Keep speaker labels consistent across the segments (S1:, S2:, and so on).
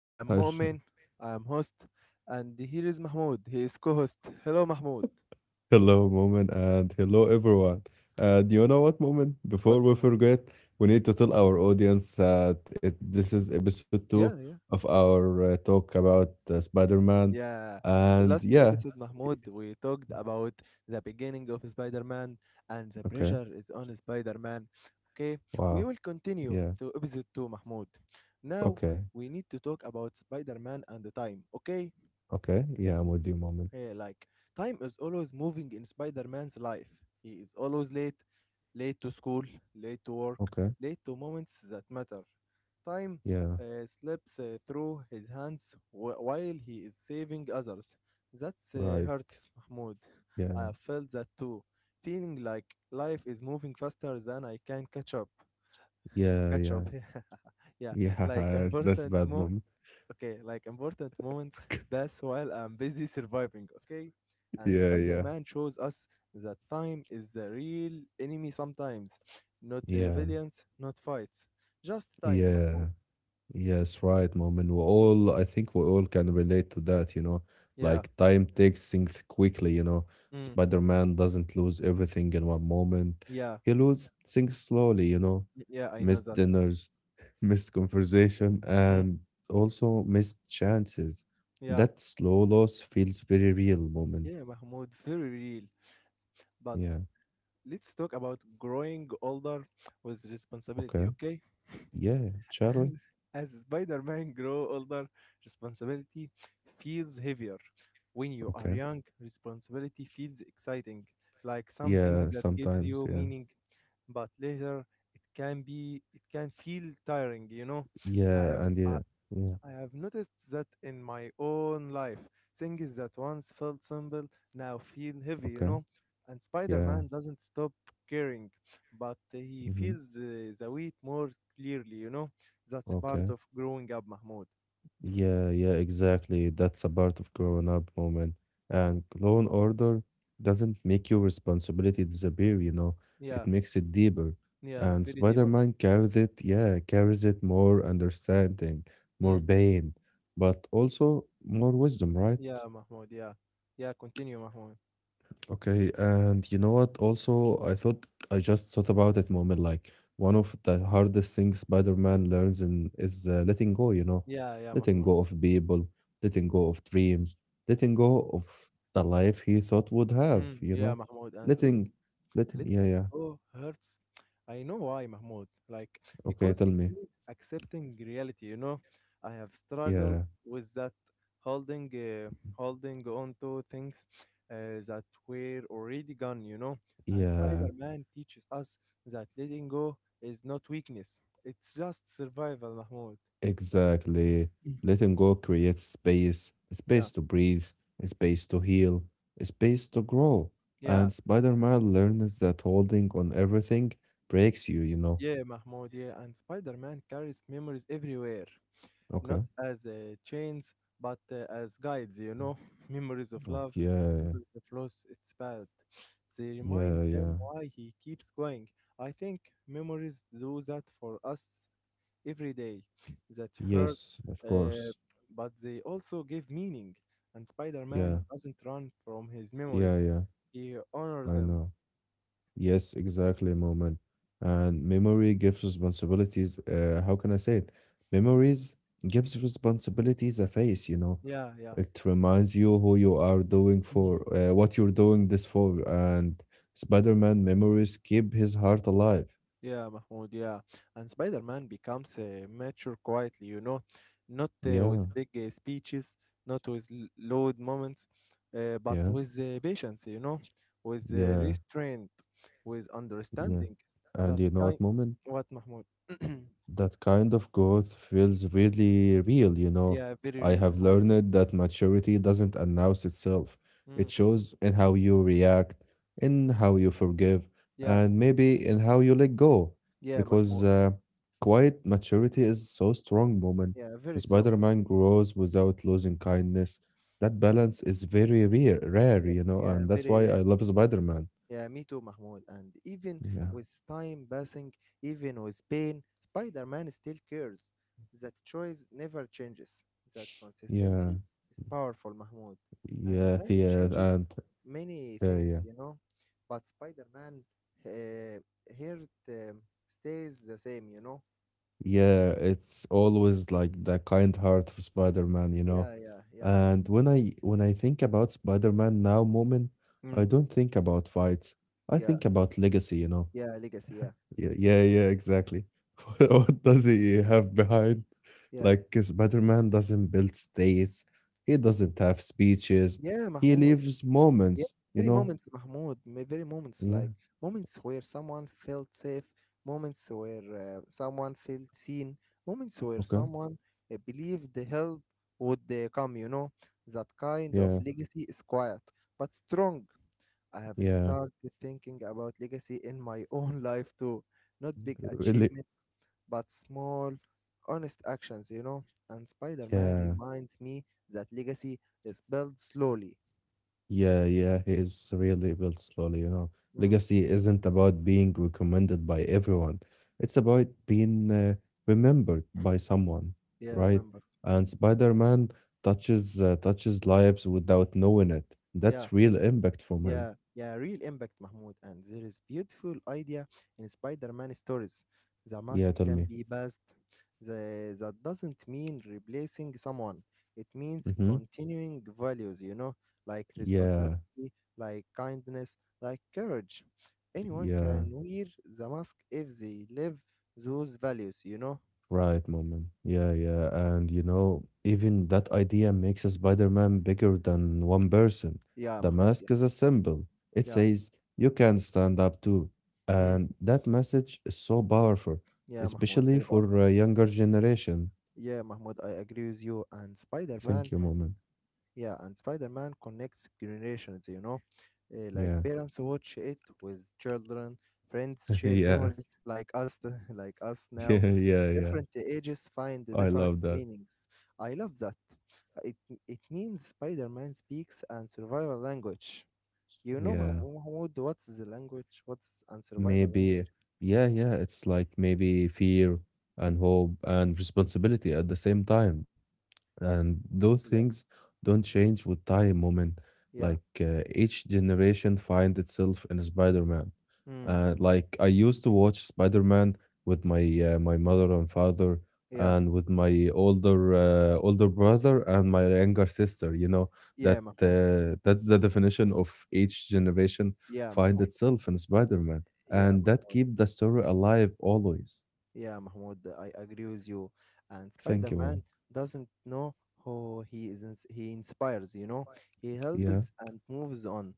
S1: I am
S2: Hello,
S1: Mu'min, I am host, and here is Mahmoud. He is co host. Hello, Mahmoud.
S2: hello, moment, and hello, everyone. And you know what, moment? Before
S1: What,
S2: we
S1: Mahmoud?
S2: forget, we need to tell our audience that this is episode two
S1: Yeah, yeah,
S2: of our talk about Spider Man.
S1: yeah.
S2: And
S1: Last
S2: yeah,
S1: episode, Mahmoud, we talked about the beginning of Spider Man and the
S2: okay,
S1: pressure is on Spider Man. Okay, we
S2: wow,
S1: will continue
S2: yeah,
S1: to episode 2, Mahmoud. Now,
S2: okay,
S1: we need to talk about Spider Man and the time. Okay,
S2: okay, yeah, I'm with you, moment.
S1: yeah, like time is always moving in Spider Man's life. He is always late, late to school, late to work,
S2: Okay,
S1: late to moments that matter. Time
S2: yeah,
S1: slips through his hands while he is saving others. That
S2: right,
S1: hurts, Mahmoud. I
S2: yeah,
S1: have felt that too, feeling like life is moving faster than I can catch up.
S2: yeah,
S1: Catch
S2: yeah,
S1: up, yeah. Like
S2: yeah, that's
S1: important
S2: bad,
S1: moments.
S2: moment.
S1: Okay, like important moments pass while I'm busy surviving, okay? And
S2: Yeah,
S1: Spider
S2: yeah,
S1: Man shows us that time is the real enemy sometimes. Not
S2: yeah,
S1: villains, not fights. Just time,
S2: yeah.
S1: Mahmoud.
S2: Yes, right, Mom. And
S1: Mm,
S2: I think we all can relate to that, you know,
S1: yeah,
S2: like time takes things quickly.
S1: mm,
S2: Spider-Man doesn't lose everything in one moment.
S1: yeah,
S2: He loses things slowly.
S1: mm, yeah, I know
S2: Missed
S1: that.
S2: dinners, missed conversation,
S1: Mm.
S2: and also missed chances.
S1: Yeah,
S2: That slow loss feels very real, Moment.
S1: yeah, Mahmoud, very real. But
S2: Yeah.
S1: let's talk about growing older with responsibility,
S2: Okay.
S1: okay?
S2: Yeah. Shall we?
S1: As, as Spider Man grows older, responsibility feels heavier. When you are
S2: Okay.
S1: young, responsibility feels exciting, like something
S2: Yeah.
S1: that gives
S2: Sometimes.
S1: you
S2: Yeah.
S1: meaning. But later, it can feel tiring. You know, I
S2: Yeah.
S1: have,
S2: And yeah.
S1: I,
S2: Yeah.
S1: I have noticed that in my own life, things that once felt simple now feel heavy, you
S2: Okay.
S1: know. And Spider
S2: Yeah.
S1: Man doesn't stop caring, but he
S2: Mm-hmm.
S1: feels the weight more clearly, you know. That's part
S2: Okay.
S1: of growing up, Mahmoud.
S2: Yeah, yeah, exactly. That's a part of growing up, moment. And law and order doesn't make your responsibility disappear.
S1: Yeah,
S2: It makes it deeper.
S1: yeah,
S2: And
S1: very deeper.
S2: Spider-Man carries it, yeah, carries it more understanding, more
S1: Mm.
S2: pain, but also more wisdom, right?
S1: Yeah, Mahmoud, yeah. Yeah, continue, Mahmoud.
S2: Okay, and you know what? Also, I just thought about it, moment. Like one of the hardest things Spider-Man learns in is letting go. You know,
S1: Yeah, yeah,
S2: letting
S1: Mahmoud.
S2: go of people, letting go of dreams, letting go of the life he thought would have.
S1: Mm.
S2: You
S1: Yeah,
S2: know,
S1: Mahmoud. And let
S2: letting, letting.
S1: Letting
S2: Yeah, yeah.
S1: go hurts. I know why, Mahmoud. Like,
S2: Okay,
S1: because
S2: tell
S1: it
S2: me.
S1: means accepting reality, you know? I have struggled
S2: Yeah,
S1: with that, holding, uh, holding on to things that were already gone, you know? And
S2: yeah.
S1: Spider Man teaches us that letting go is not weakness, it's just survival, Mahmoud.
S2: Exactly.
S1: Mm.
S2: Letting go creates space,
S1: Yeah,
S2: space to breathe, space to heal, space to grow.
S1: yeah,
S2: And Spider Man learns that holding on everything breaks you, you know.
S1: yeah, Mahmoud, yeah. And Spider Man carries memories everywhere, not
S2: Okay.
S1: as chains, but as guides, you know, memories of
S2: Oh,
S1: love,
S2: yeah.
S1: memories of loss, it's bad. They remind
S2: Yeah.
S1: him
S2: Yeah.
S1: why he keeps going. I think memories do that for us every day. That hurt,
S2: Yes. Of
S1: uh,
S2: course.
S1: but they also give meaning. And Spider
S2: Yeah.
S1: Man doesn't run from his
S2: Yeah.
S1: memories,
S2: Yeah.
S1: he honors
S2: I
S1: them.
S2: know. Yes, exactly, Moment. And memory gives responsibilities. How can I say it? Memories gives responsibilities a face.
S1: Yeah, yeah.
S2: It reminds you who you are doing
S1: Mm.
S2: for, what you're doing this for. And Spider-Man memories keep his heart alive.
S1: Yeah, Mahmoud, yeah. And Spider Man becomes mature quietly, you know, not
S2: Yeah,
S1: with big speeches, not with loud moments, but
S2: yeah,
S1: with patience, you know, with
S2: yeah,
S1: restraint, with
S2: yeah.
S1: understanding.
S2: And
S1: That
S2: you know
S1: kind.
S2: what, Moment?
S1: What, Mahmoud?
S2: That kind of growth feels really real.
S1: Yeah, very
S2: I
S1: real,
S2: have
S1: Mahmoud.
S2: learned that maturity doesn't announce itself. It
S1: Mm,
S2: shows in how you react, in how you forgive,
S1: yeah,
S2: and maybe in how you let go.
S1: yeah,
S2: Because
S1: Mahmoud.
S2: quiet maturity is so strong, woman.
S1: Yeah, very strong.
S2: Spider-Man grows without losing kindness. That balance is very rare, rare,
S1: Yeah,
S2: you know,
S1: yeah,
S2: and that's
S1: very
S2: why I
S1: rare.
S2: love Spider-Man.
S1: Yeah, me too, Mahmoud. And even
S2: Yeah,
S1: with time passing, even with pain, Spider Man still cares. That choice never changes. That
S2: yeah,
S1: consistency is powerful, Mahmoud. And the
S2: yeah,
S1: time it
S2: yeah,
S1: changes
S2: and
S1: many
S2: yeah,
S1: things,
S2: yeah.
S1: you know. But Spider Man uh, here it, stays the same, you know.
S2: Yeah, it's always like the kind heart of Spider-Man.
S1: Yeah, yeah, yeah, Mahmoud.
S2: And when I think about Spider-Man now, moment, I
S1: Mm.
S2: don't think about fights. I
S1: Yeah,
S2: think about legacy.
S1: yeah, legacy, yeah,
S2: Yeah, yeah, yeah, exactly. What does he have behind?
S1: yeah.
S2: Like Spider-Man doesn't build states. He doesn't have speeches.
S1: Yeah,
S2: He
S1: Mahmoud.
S2: leaves
S1: Yeah,
S2: moments, you
S1: very
S2: know.
S1: moments, Mahmoud. Very moments
S2: Yeah.
S1: like moments where someone felt safe, moments where someone felt seen, moments where
S2: Okay.
S1: someone believed the help would come. You know, that kind of
S2: Yeah.
S1: legacy is quiet but strong. I have
S2: Yeah.
S1: started thinking about legacy in my own life too. Not big
S2: Really.
S1: achievement, but small, honest actions, you know. And Spider Man
S2: Yeah.
S1: reminds me that legacy is built slowly.
S2: Yeah, yeah, he is surreally built slowly.
S1: Mm,
S2: Legacy isn't about being recommended by everyone. It's about being remembered by someone,
S1: yeah, I
S2: right?
S1: remembered.
S2: And Spider-Man touches lives without knowing it.
S1: Yeah.
S2: That's real impact from him.
S1: Yeah, yeah, real impact, Mahmoud. And there is beautiful idea in Spider-Man stories. The mask
S2: Yeah, tell
S1: can
S2: me.
S1: be passed. That doesn't mean replacing someone. It means
S2: Mm-hmm.
S1: continuing values, you know, like responsibility,
S2: Yeah,
S1: like kindness, like courage. Anyone
S2: yeah.
S1: can wear the mask if they live those values, you know?
S2: Right, moment. Yeah, yeah. And you know, even that idea makes a Spider-Man bigger than one person.
S1: Yeah,
S2: The
S1: Mahmoud, yeah.
S2: mask is a symbol. It
S1: Yeah,
S2: says you can stand up too.
S1: mm,
S2: And that message is so powerful,
S1: yeah, Mahmoud,
S2: especially
S1: very
S2: for
S1: powerful.
S2: a younger generation.
S1: Yeah, Mahmoud, I agree with you. And
S2: Thank
S1: Spider-Man,
S2: you, moment.
S1: yeah, and Spider-Man connects generations, you know. Like
S2: Yeah.
S1: parents watch it with children, friends share
S2: Yeah.
S1: memories like us, like us now.
S2: Yeah, yeah, yeah.
S1: Different ages find the
S2: I
S1: different
S2: love that.
S1: meanings. I love that. It means Spider-Man speaks and survival language. You know,
S2: Yeah.
S1: Mahmoud, what's the language? What's and survival
S2: Maybe,
S1: language?
S2: yeah, yeah. It's like maybe fear and hope and responsibility at the same time, and those
S1: Yeah,
S2: things don't change with time, moment,
S1: yeah,
S2: like each generation find itself in Spider-Man,
S1: mm,
S2: like I used to watch Spider-Man with my mother and father,
S1: yeah,
S2: and with my older brother and my younger sister.
S1: yeah,
S2: that
S1: Mahmoud.
S2: uh, that's the definition of each generation
S1: Yeah,
S2: find
S1: Mahmoud.
S2: itself in Spider-Man,
S1: Yeah,
S2: and that
S1: Mahmoud.
S2: keep the story alive always.
S1: Yeah, Mahmoud, I agree with you. And
S2: Thank you, mom.
S1: Spider-Man doesn't know who he is. He inspires, you know. He
S2: Yeah,
S1: helps and moves on.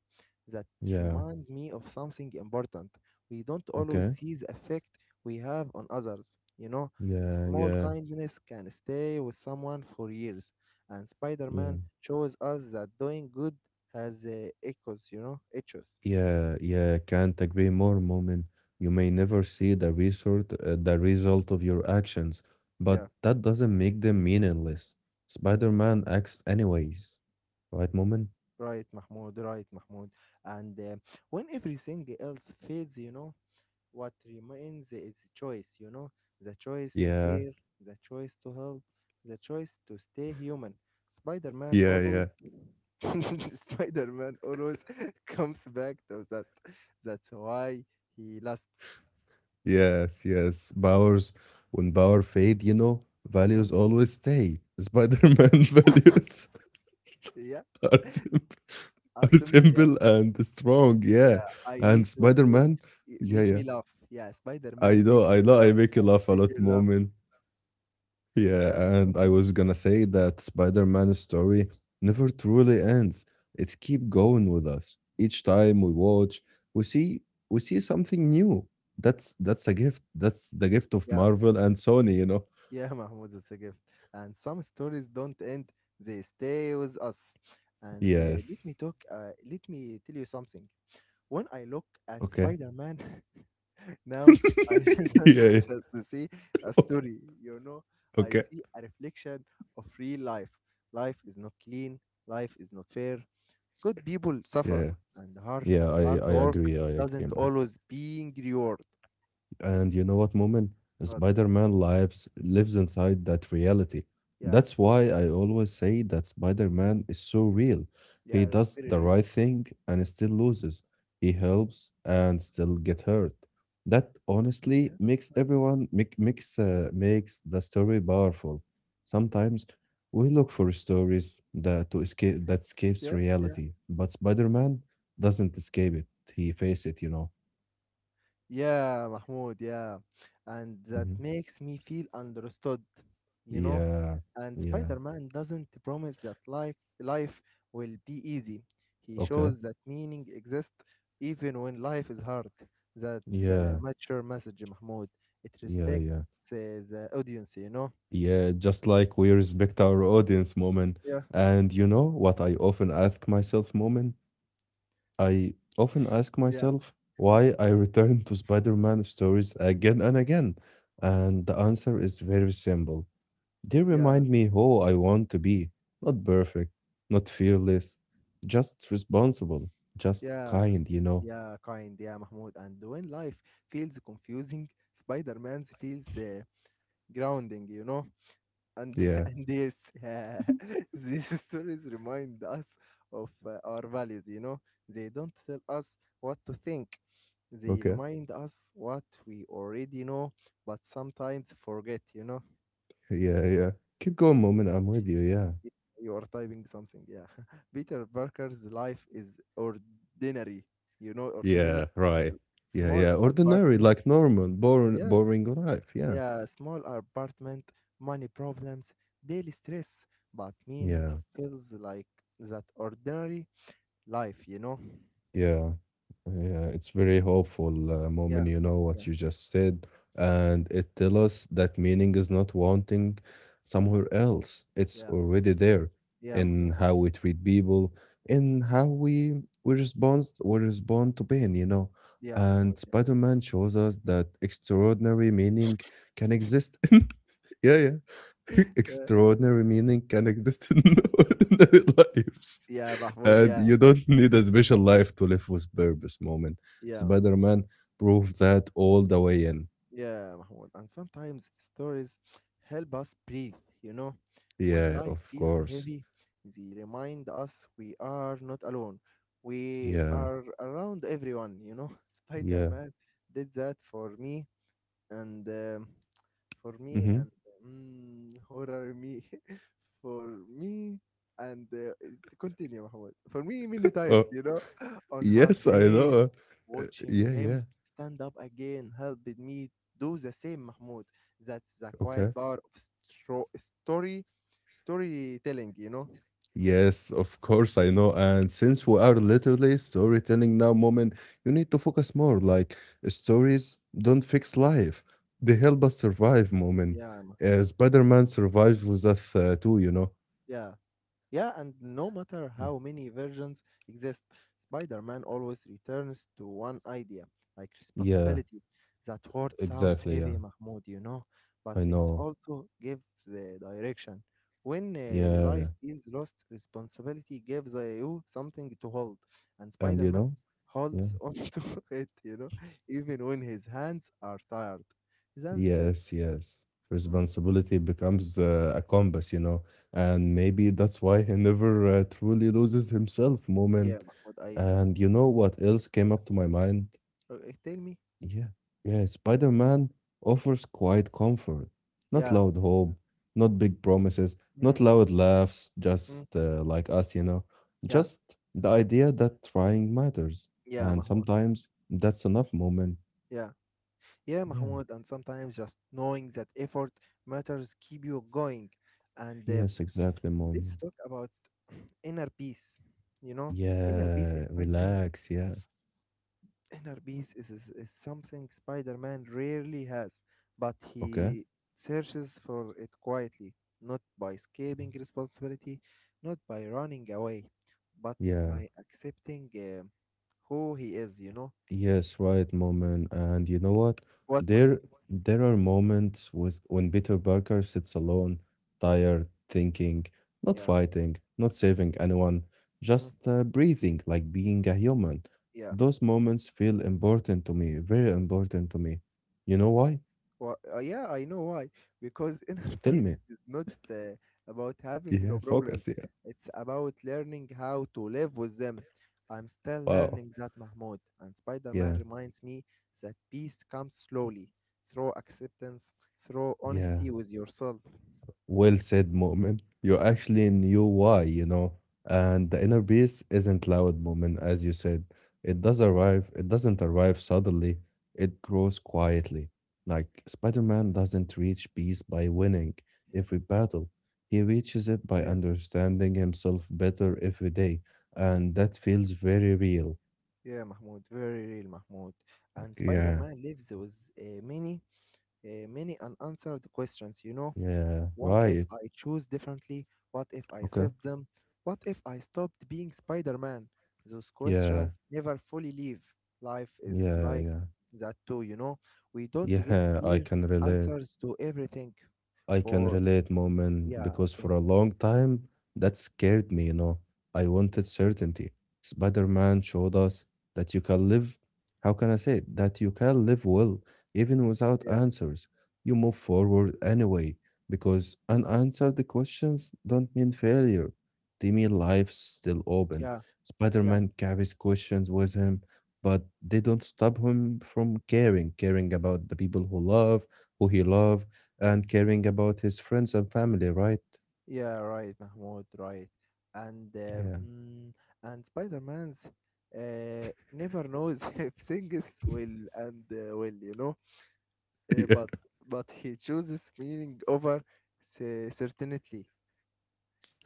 S1: That
S2: yeah,
S1: reminds me of something important. We don't always
S2: okay,
S1: see the effect we have on others, you know. A
S2: yeah,
S1: small
S2: yeah.
S1: kindness can stay with someone for years, and
S2: Yeah,
S1: Spider-Man shows us that doing good has echoes, you know, echoes.
S2: yeah, yeah. Can't agree more, Moment. You may never see the result, the result of your actions, but
S1: Yeah.
S2: that doesn't make them meaningless. Spider-Man acts anyways, right, Moment?
S1: Right, Mahmoud, right, Mahmoud. And when everything else fades, you know, what remains is choice, you know, the choice to
S2: Yeah,
S1: care, the choice to help, the choice to stay human. Spider Man
S2: yeah, yeah.
S1: always. Spider Man always comes back to that. That's why he lasts.
S2: Yes, yes. When power fade, you know,
S1: Mm,
S2: values always stay. Spider-Man values
S1: yeah,
S2: are simple,
S1: are
S2: are
S1: simple. Yeah,
S2: simple and strong. Yeah,
S1: yeah. I
S2: and
S1: need to w-
S2: Spider-Man,
S1: y-
S2: yeah,
S1: Make
S2: yeah.
S1: me laugh. Yeah, Spider
S2: I
S1: Man make
S2: know. I
S1: me
S2: know I
S1: laugh.
S2: make you
S1: I
S2: laugh a
S1: make
S2: lot,
S1: you laugh.
S2: moment. Yeah,
S1: Yeah,
S2: and I
S1: continue.
S2: was gonna say that Spider-Man's story never truly ends. It's keep going with us. Each time we watch, we see we see something new. That's a gift. That's the gift of
S1: Yeah.
S2: Marvel and Sony, you know?
S1: Yeah, Mahmoud, it's a gift. And some stories don't end, they stay with us. And
S2: Yes.
S1: let me tell you something. When I look at
S2: Okay.
S1: Spider Man now, I don't
S2: Yeah. Yeah.
S1: just see a story, you know, I
S2: Okay.
S1: see a reflection of real life. Life is not clean, life is not fair. Good people suffer,
S2: Yeah.
S1: and
S2: Yeah, I,
S1: hard
S2: I
S1: work
S2: agree. I agree,
S1: doesn't
S2: Mom.
S1: always being rewarded.
S2: And you know what, Moment?
S1: But,
S2: Spider-Man lives inside that reality.
S1: yeah,
S2: That's why I always say that Spider-Man is so real. He
S1: yeah,
S2: does
S1: very
S2: the
S1: real.
S2: right thing and still loses. He helps and still get hurt. That
S1: Yeah,
S2: honestly makes everyone make, makes makes the story powerful. Sometimes we look for stories that escapes
S1: yeah, yeah.
S2: reality, but Spider-Man doesn't escape it. He face it.
S1: Yeah, Mahmoud, yeah. And that
S2: Mhm.
S1: makes me feel understood, you know?
S2: Yeah.
S1: And
S2: Yeah.
S1: Spider-Man doesn't promise that like life will be easy. He
S2: Okay.
S1: shows that meaning exists even when life is hard. That's a
S2: Yeah.
S1: mature message, Mahmoud. It
S2: Yeah.
S1: respects
S2: Yeah.
S1: uh, the audience, you know?
S2: Yeah. Just like we respect our audience, moment.
S1: Yeah,
S2: And you know what I often ask myself, moment? I often ask
S1: yeah,
S2: myself why
S1: okay.
S2: I return to Spider Man stories again and again. And the answer is very simple. They
S1: Yeah,
S2: remind me who I want to be. Not perfect, not fearless, just responsible, just
S1: yeah,
S2: kind, you know?
S1: yeah, kind, yeah, Mahmoud. And when life feels confusing, Spider-Man feels grounding, you know? And
S2: Yeah.
S1: and yes, uh, these stories remind us of our values. You know, they don't tell us what to think; they
S2: Okay.
S1: remind us what we already know, but sometimes forget. You know,
S2: Yeah. Yeah. Keep going, moment. I'm with you. Yeah.
S1: Y- you are typing something. Yeah, Peter Parker's life is ordinary. You know, ordinary,
S2: Yeah,
S1: a
S2: right. Yeah,
S1: small
S2: yeah. Ordinary,
S1: apartment.
S2: like normal, boring,
S1: Yeah.
S2: boring life. Yeah,
S1: Yeah, small apartment, money problems, daily stress, but meaning
S2: yeah,
S1: feels like that ordinary life, you know?
S2: yeah, yeah. It's very hopeful
S1: Yeah,
S2: moment. You know
S1: yeah,
S2: what you just said, and it tells us that meaning is not wanting
S1: mm,
S2: somewhere else. It's
S1: yeah,
S2: already there
S1: yeah,
S2: in
S1: Mahmoud,
S2: how we treat people, in how we respond to pain. You know,
S1: yeah, Mahmoud,
S2: and
S1: yeah,
S2: Spider Man shows us that extraordinary meaning can exist. Yeah, yeah.
S1: yeah,
S2: Extraordinary meaning can exist in ordinary lives.
S1: yeah, Mahmoud,
S2: And
S1: yeah,
S2: you don't need a special life to live with purpose, moment.
S1: yeah,
S2: Spider Man proved that all the way in.
S1: yeah, Mahmoud. And sometimes stories help us breathe, you know? When
S2: Yeah,
S1: life
S2: of
S1: feels
S2: course.
S1: heavy, they remind us we are not alone. We
S2: Yeah,
S1: are around everyone, you know? Spider
S2: yeah.
S1: Man did that and um, for me
S2: Mm-hmm.
S1: and mm, horror me for me and it- continue Mahmoud. For me many
S2: Uh,
S1: times, you know. On hard
S2: yes, I
S1: days
S2: know. Uh,
S1: watching
S2: yeah,
S1: him
S2: yeah.
S1: stand up again helped me do the same, Mahmoud. That's the quiet
S2: Okay.
S1: power of stro- story storytelling, you know.
S2: Yes, of course, I know. And since we are literally storytelling now, moment, you need to focus more. Like stories don't fix life. They help us survive, moment.
S1: Yeah, Mahmoud.
S2: Spider-Man survives with us too, you know?
S1: Yeah. Yeah, and no matter how many versions exist, Spider Man always returns to one idea, like
S2: Yeah,
S1: responsibility. That word sounds
S2: exactly. Yeah,
S1: heavy, Mahmoud, you know, but
S2: I
S1: it
S2: know.
S1: also gives the direction. When
S2: Yeah.
S1: life feels lost, responsibility gives you something to hold, and
S2: And
S1: Spider
S2: you
S1: Man
S2: know?
S1: holds onto it, you know, even when his hands are tired. His hands,
S2: Yes, yes.
S1: mm,
S2: Responsibility becomes a compass, you know, and maybe that's why he never truly loses himself,
S1: yeah,
S2: moment.
S1: Mahmoud, I know that.
S2: And you know what else came up to my mind?
S1: Tell me,
S2: Yeah, yeah, Spider Man offers quiet comfort, not
S1: yeah.
S2: loud hope, not big promises,
S1: Mm,
S2: not loud laughs, just
S1: mm.
S2: like us, you know,
S1: Yeah,
S2: just the idea that trying matters.
S1: yeah,
S2: And
S1: Mahmoud.
S2: sometimes that's enough, moment.
S1: Yeah. Yeah,
S2: Yeah,
S1: Mahmoud. And sometimes just knowing that effort matters keep you going. And
S2: yes, exactly, moment.
S1: let's talk about inner peace. You know, inner peace is
S2: Yeah,
S1: something
S2: relax. Yeah.
S1: inner peace is something Spider-Man rarely has, but
S2: Okay.
S1: he searches for it quietly, not by escaping responsibility, not by running away, but
S2: Yeah.
S1: by accepting who he is, you know.
S2: Yes, right, moment. And you know what?
S1: What,
S2: There
S1: Mahmoud?
S2: there are moments with when Peter Parker sits alone,
S1: Mm,
S2: tired, thinking, not
S1: yeah.
S2: fighting, not saving anyone,
S1: Mm,
S2: just breathing, like being a human.
S1: yeah.
S2: Those moments feel important to me, very important to me. You know why?
S1: Yeah, I know why. Because inner
S2: Tell
S1: peace
S2: me.
S1: is not about having no
S2: Yeah, focus.
S1: problems.
S2: Yeah.
S1: It's about learning how to live with them. I'm still
S2: Wow.
S1: learning that, Mahmoud. And Spider-Man
S2: Yeah.
S1: reminds me that peace comes slowly, through acceptance, through
S2: Yeah.
S1: honesty with yourself.
S2: Well said, Mu'min. You actually knew why. And the inner peace isn't loud, Mu'min, as you said. It does arrive, it doesn't arrive suddenly, it grows quietly. Like Spider Man doesn't reach peace by winning every battle, he reaches it by
S1: Yeah,
S2: understanding himself better every day. And that feels very real.
S1: yeah, Mahmoud. Very real, Mahmoud. And
S2: Yeah,
S1: Spider-Man lives with uh, many, many unanswered questions. You know,
S2: yeah,
S1: what if
S2: right.
S1: I choose differently? What if I
S2: Okay.
S1: saved them? What if I stopped being Spider Man? Those
S2: Yeah,
S1: questions never fully leave. Life is
S2: yeah,
S1: like
S2: yeah,
S1: that too, you know? We don't get
S2: yeah, I
S1: clear
S2: can relate.
S1: answers to everything.
S2: I can
S1: For,
S2: relate, Moment,
S1: yeah,
S2: because
S1: okay,
S2: for a long time that scared me. I wanted certainty. Spider-Man showed us that you can live, how can I say it? That you can live well, even without
S1: yeah,
S2: answers. You move forward anyway, because unanswered questions don't mean failure. They mean life's still open.
S1: yeah, yeah,
S2: Spider-Man carries questions with him, but they don't stop him from caring, caring about the people who love, who he loves, and caring about his friends and family, right?
S1: yeah, right, Mahmoud, right. And,
S2: Yeah.
S1: and Spider Man's never knows if things will, you know? Uh, but
S2: Yeah.
S1: but he chooses meaning over certainty.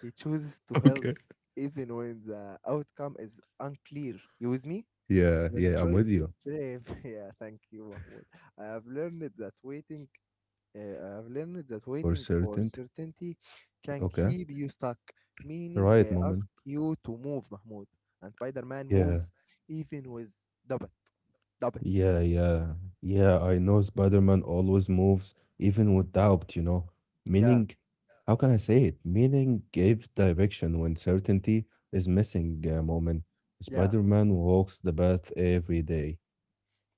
S1: He chooses to help
S2: Okay.
S1: even when the outcome is unclear. You with me?
S2: Yeah,
S1: That
S2: yeah, I'm
S1: choice
S2: with you
S1: is brave. Yeah, thank you, Mahmoud. I have learned that waiting. I have learned that
S2: for
S1: waiting for
S2: certainty.
S1: certainty can
S2: Okay,
S1: keep you stuck. Meaning,
S2: right, moment.
S1: ask you to move, Mahmoud. And Spider-Man
S2: Yeah,
S1: moves even with doubt. Doubt.
S2: yeah, yeah, yeah. I know Spider-Man always moves, even with doubt. You know,
S1: Yeah.
S2: meaning. How can I say it? Meaning gives direction when certainty is missing. Moment.
S1: Yeah.
S2: Spider-Man walks the path every day.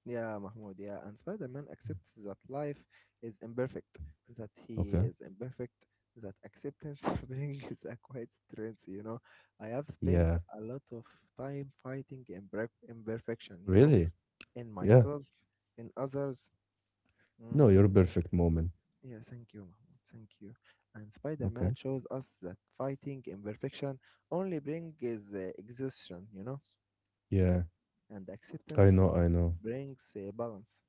S1: Yeah, Mahmoud, yeah. And Spider Man accepts that life is imperfect, that he
S2: Okay.
S1: is imperfect, that acceptance brings a quiet strength. I have
S2: Yeah.
S1: spent a lot of time fighting imperfection,
S2: Really.
S1: in
S2: Yeah.
S1: myself, in others.
S2: No,
S1: Mm,
S2: you're
S1: and
S2: perfect, moment.
S1: yeah, thank you, Mahmoud. Thank you. And Spider Man
S2: Okay.
S1: shows us that fighting imperfection only brings exhaustion,
S2: Yeah.
S1: and
S2: I
S1: acceptance
S2: know, I know.
S1: brings balance.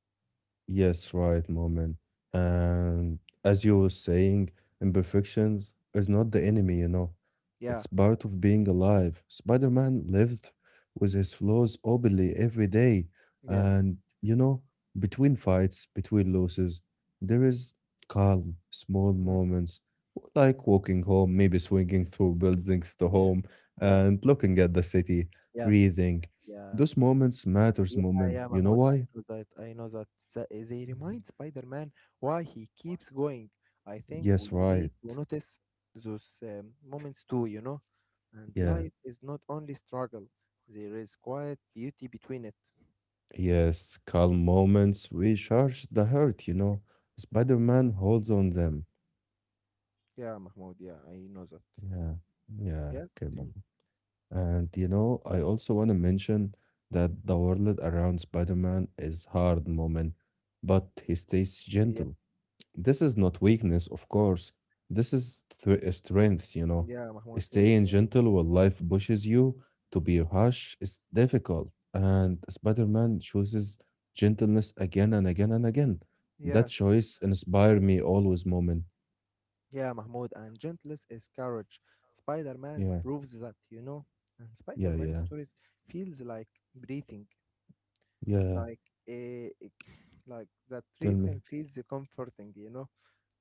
S2: Yes, right, moment. And as you were saying, imperfections is not the enemy, you know. It's
S1: Yeah,
S2: part of being alive. Spider-Man lived with his flaws openly every day.
S1: yeah.
S2: And, you know, between fights, between losses, there is calm, small
S1: Mm.
S2: moments, like walking home, maybe swinging
S1: Yeah.
S2: through buildings to
S1: Yeah,
S2: home
S1: yeah,
S2: and looking at the city,
S1: yeah,
S2: breathing.
S1: yeah,
S2: Those moments matters,
S1: yeah,
S2: moment.
S1: yeah,
S2: You know
S1: Mahmoud. I
S2: why?
S1: know that. I know that. They remind Spider-Man why he keeps going. I think
S2: Yes,
S1: we
S2: right.
S1: need to notice those moments too. And
S2: Yeah.
S1: life is not only struggle. There is quiet beauty between it.
S2: Yes, calm moments recharge the hurt. Spider-Man holds on them.
S1: Yeah, Mahmoud. Yeah, I know that.
S2: Yeah. Yeah,
S1: Yeah,
S2: okay, mom.
S1: continue.
S2: And you know, I also want to mention that the world around Spider-Man is hard, moment, but he stays
S1: Yeah,
S2: gentle. This is not weakness, of course. This is strength, you know.
S1: yeah, Mahmoud. Very
S2: Staying
S1: still.
S2: gentle while life pushes you to be harsh is difficult. And Spider Man chooses gentleness again and again and again. That
S1: Yeah.
S2: choice inspired me always, moment.
S1: Yeah, Mahmoud, and gentleness is courage. Spider-Man
S2: Yeah,
S1: proves that, and
S2: yeah,
S1: Spider-Man
S2: yeah,
S1: stories feels like breathing,
S2: yeah.
S1: like a, like that
S2: Tell
S1: rhythm
S2: me.
S1: feels comforting.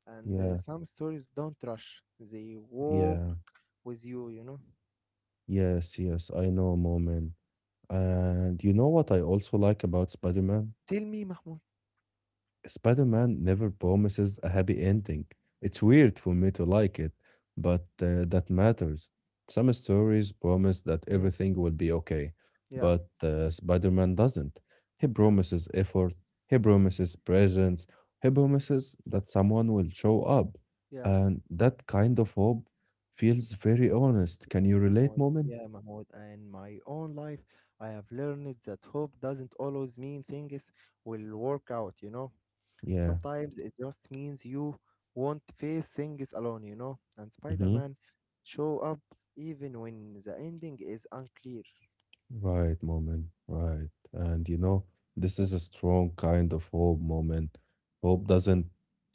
S1: And
S2: Yeah,
S1: some stories don't rush; they walk
S2: yeah,
S1: with you, you know.
S2: yes, yes. I know, moment. And you know what I also like about Spider Man?
S1: Tell me, Mahmoud.
S2: Spider Man never promises a happy ending. It's weird for me to like it, but that matters. Some stories promise that
S1: Mm,
S2: everything will be okay,
S1: yeah,
S2: but Spider Man doesn't. He
S1: yeah,
S2: promises effort, he promises presence, he promises that someone will show up.
S1: yeah,
S2: And that kind of hope feels very honest. Can you relate,
S1: Mahmoud.
S2: moment?
S1: Yeah, Mahmoud. In my own life, I have learned that hope doesn't always mean things will work out, you know
S2: Yeah.
S1: Sometimes it just means you won't face things alone, you know? And Spider
S2: Mm-hmm.
S1: Man show up even when the ending is unclear.
S2: Right, moment, right. And this
S1: Yeah,
S2: is a strong kind of hope moment. Hope doesn't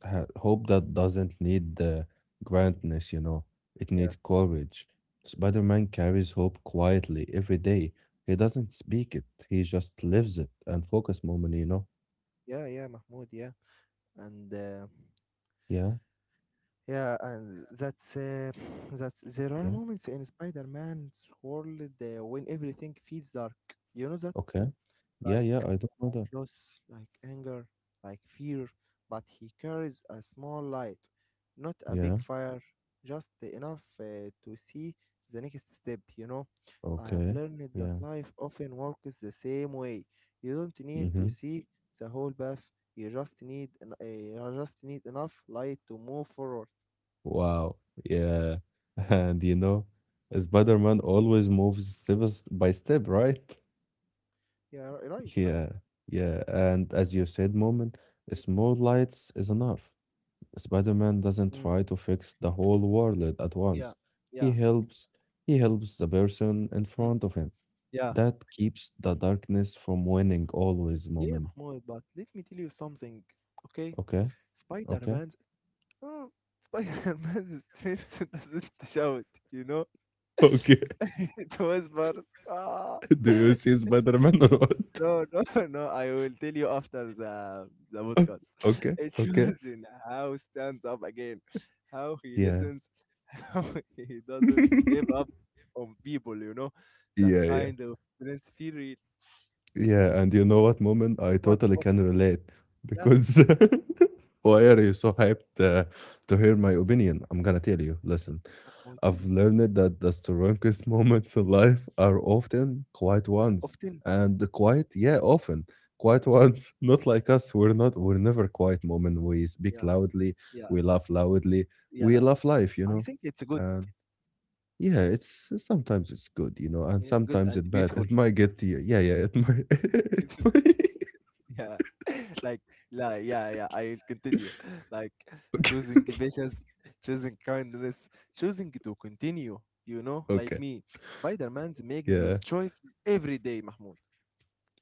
S2: hope that doesn't need the grandness. It
S1: yeah,
S2: needs courage. Spider-Man carries hope quietly every day. He doesn't speak it. He just lives it. And focus moment.
S1: yeah, yeah, Mahmoud, yeah. And
S2: Yeah,
S1: yeah, and that's that's there are
S2: yeah.
S1: moments in Spider Man's world when everything feels dark. You know that?
S2: Okay. Yeah,
S1: Like
S2: yeah, I don't know that.
S1: loss, like anger, like fear, but he carries a small light, not a
S2: Yeah.
S1: big fire, just enough to see the next step. I have
S2: Okay.
S1: learned that
S2: Yeah.
S1: life often works the same way. You don't need
S2: Mm-hmm.
S1: to see the whole path. You just need enough light to move forward.
S2: Wow. Yeah. And Spider-Man always moves step by step, right?
S1: Yeah, right, right.
S2: Yeah. Yeah. And as you said, moment, small lights is enough. Spider-Man doesn't
S1: Mm,
S2: try to fix the whole world at
S1: yeah,
S2: once. He
S1: yeah,
S2: helps, he helps the person in
S1: mm,
S2: front of him.
S1: yeah,
S2: That keeps the darkness from winning always,
S1: yeah,
S2: moment.
S1: Mahmoud. But let me tell you something, okay?
S2: Okay? Okay?
S1: Spider-Man Oh, Spider-Man's strength doesn't shout, you know?
S2: Okay.
S1: It whispers. Ah.
S2: Do you see Spider-Man or what?
S1: No, no, no. I will tell you after the podcast.
S2: Okay.
S1: It
S2: Okay.
S1: shows in how he stands up again, how he
S2: Yeah.
S1: listens, how he doesn't give up on people, you know? That
S2: Yeah, yeah.
S1: kind of strength feel real.
S2: Yeah, and you know what, Moment? I
S1: What
S2: totally
S1: what
S2: can relate
S1: yeah,
S2: because why are you so hyped to hear my opinion? I'm gonna tell you.
S1: think
S2: Listen,
S1: about
S2: I've
S1: please.
S2: learned that the strongest moments in life are often quiet ones,
S1: Often.
S2: and the quiet, yeah, often quiet ones. Not like us. We're not. We're never quiet. Moment. We speak
S1: Yeah,
S2: loudly.
S1: yeah,
S2: We laugh loudly.
S1: yeah.
S2: We love life. You
S1: I
S2: know.
S1: think it's good.
S2: Yeah, it's sometimes it's good, and
S1: Yeah, good
S2: sometimes it
S1: and
S2: bad.
S1: beautiful.
S2: It might get to you. Yeah, yeah, it might. It might.
S1: Yeah. Like, like, yeah, yeah, I'll continue. Like,
S2: Okay.
S1: choosing patience, choosing kindness, choosing to continue, like
S2: Okay.
S1: me. Spider-Man makes
S2: Yeah,
S1: those choices every day, Mahmoud.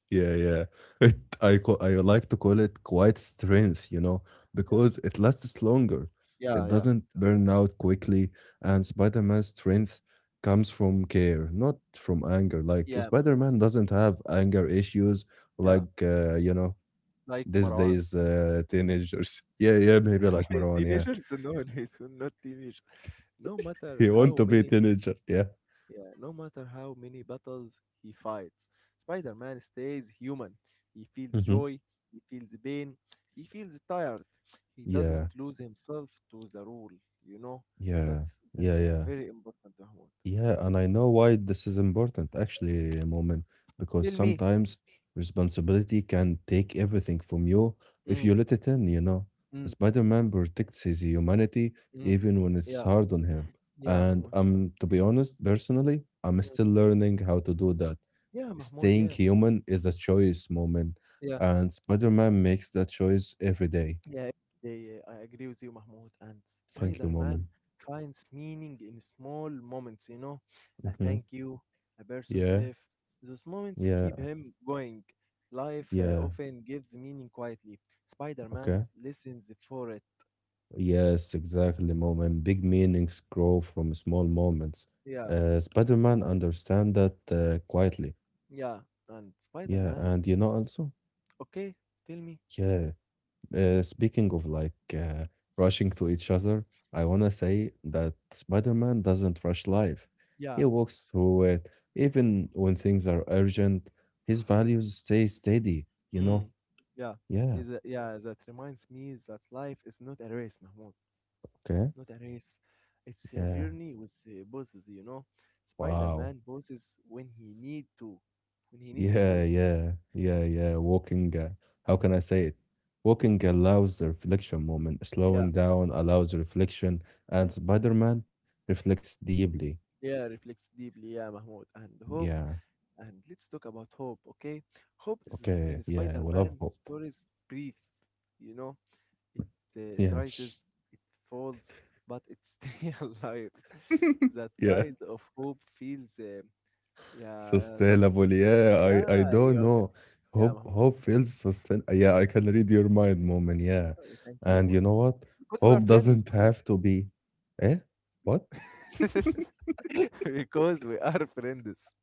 S2: yeah, yeah. I like to call it quiet strength,
S1: Yeah.
S2: because it lasts longer. It
S1: Yeah, yeah.
S2: doesn't burn out quickly, and Spider-Man's strength comes from care, not from anger. Like
S1: Yeah,
S2: Spider-Man doesn't have anger issues,
S1: yeah.
S2: like
S1: Like
S2: these
S1: Marwan.
S2: days
S1: Yeah.
S2: teenagers. Yeah, yeah, maybe like Marwan. Yeah.
S1: Teenagers, no, no, it's not teenage. No matter
S2: He want
S1: how
S2: to be a
S1: many
S2: teenager. Yeah.
S1: Yeah, no matter how many battles he fights, Spider Man stays human. He feels
S2: Hmm.
S1: joy, he feels pain, he feels tired. He doesn't
S2: Yeah,
S1: lose himself to the rule, you know?
S2: yeah,
S1: That's
S2: yeah, yeah,
S1: very important, Mahmoud.
S2: yeah. And I know why this is important, actually, Moment, because
S1: Tell me.
S2: sometimes responsibility can take everything from you if
S1: Mm,
S2: you let it in.
S1: mm,
S2: Spider-Man protects his humanity
S1: mm.
S2: even when it's
S1: Yeah,
S2: hard on him.
S1: yeah,
S2: And
S1: Mahmoud.
S2: to be honest, personally, I'm
S1: Mm.
S2: still learning how to do that.
S1: Yeah, Mahmoud,
S2: Staying
S1: yeah.
S2: human is a choice, Moment,
S1: Yeah,
S2: and Spider-Man makes that choice every day.
S1: yeah, I agree with you, Mahmoud. And
S2: Thank you, Moment.
S1: Spider-Man finds meaning in small moments, a thank you, a person
S2: Yeah,
S1: safe. Those moments keep
S2: yeah,
S1: him going. Life
S2: yeah.
S1: often gives meaning quietly. Spider-Man
S2: Okay.
S1: listens for it.
S2: Yes, exactly, moment. Big meanings grow from small moments.
S1: Yeah,
S2: Spider-Man understand that quietly.
S1: yeah. And
S2: Yeah,
S1: Spider-Man,
S2: and also,
S1: okay, tell me.
S2: yeah. Speaking of like rushing to each other, I wanna say that Spider-Man doesn't rush life. He
S1: Yeah,
S2: walks through it, even when things are urgent. His values stay steady. You
S1: mm,
S2: know.
S1: yeah.
S2: Yeah.
S1: Yeah, that reminds me that life is not a race, Mahmoud.
S2: Okay.
S1: It's not a race. It's a
S2: Yeah.
S1: journey with pauses.
S2: Wow.
S1: Spider-Man bosses when he need to, when he need to
S2: Yeah,
S1: boss.
S2: yeah, yeah, yeah. Walking, how can I say it? Walking allows the reflection moment,
S1: Yeah.
S2: slowing down allows the reflection, and
S1: Mm.
S2: Spider Man reflects deeply.
S1: Yeah, reflects deeply, yeah, Mahmoud. And hope,
S2: Yeah,
S1: and let's talk about hope, okay? Hope is
S2: okay,
S1: in
S2: yeah, we love
S1: Spider-Man
S2: hope.
S1: stories breathe, you know. It
S2: Yeah,
S1: tries, it falls, but it stays alive. That
S2: yeah,
S1: kind of hope feels, uh, yeah, sus-
S2: sustainable. Yeah, I
S1: yeah,
S2: don't
S1: you're, g-
S2: know.
S1: yeah,
S2: Hope,
S1: Mahmoud.
S2: hope feels sustain. Yeah, I can read your mind moment. Yeah,
S1: Okay, thank you,
S2: and you
S1: Mahmoud.
S2: know what?
S1: Because we are
S2: Hope
S1: friends,
S2: doesn't
S1: Mahmoud.
S2: have to be. Eh? What?
S1: because we are friends.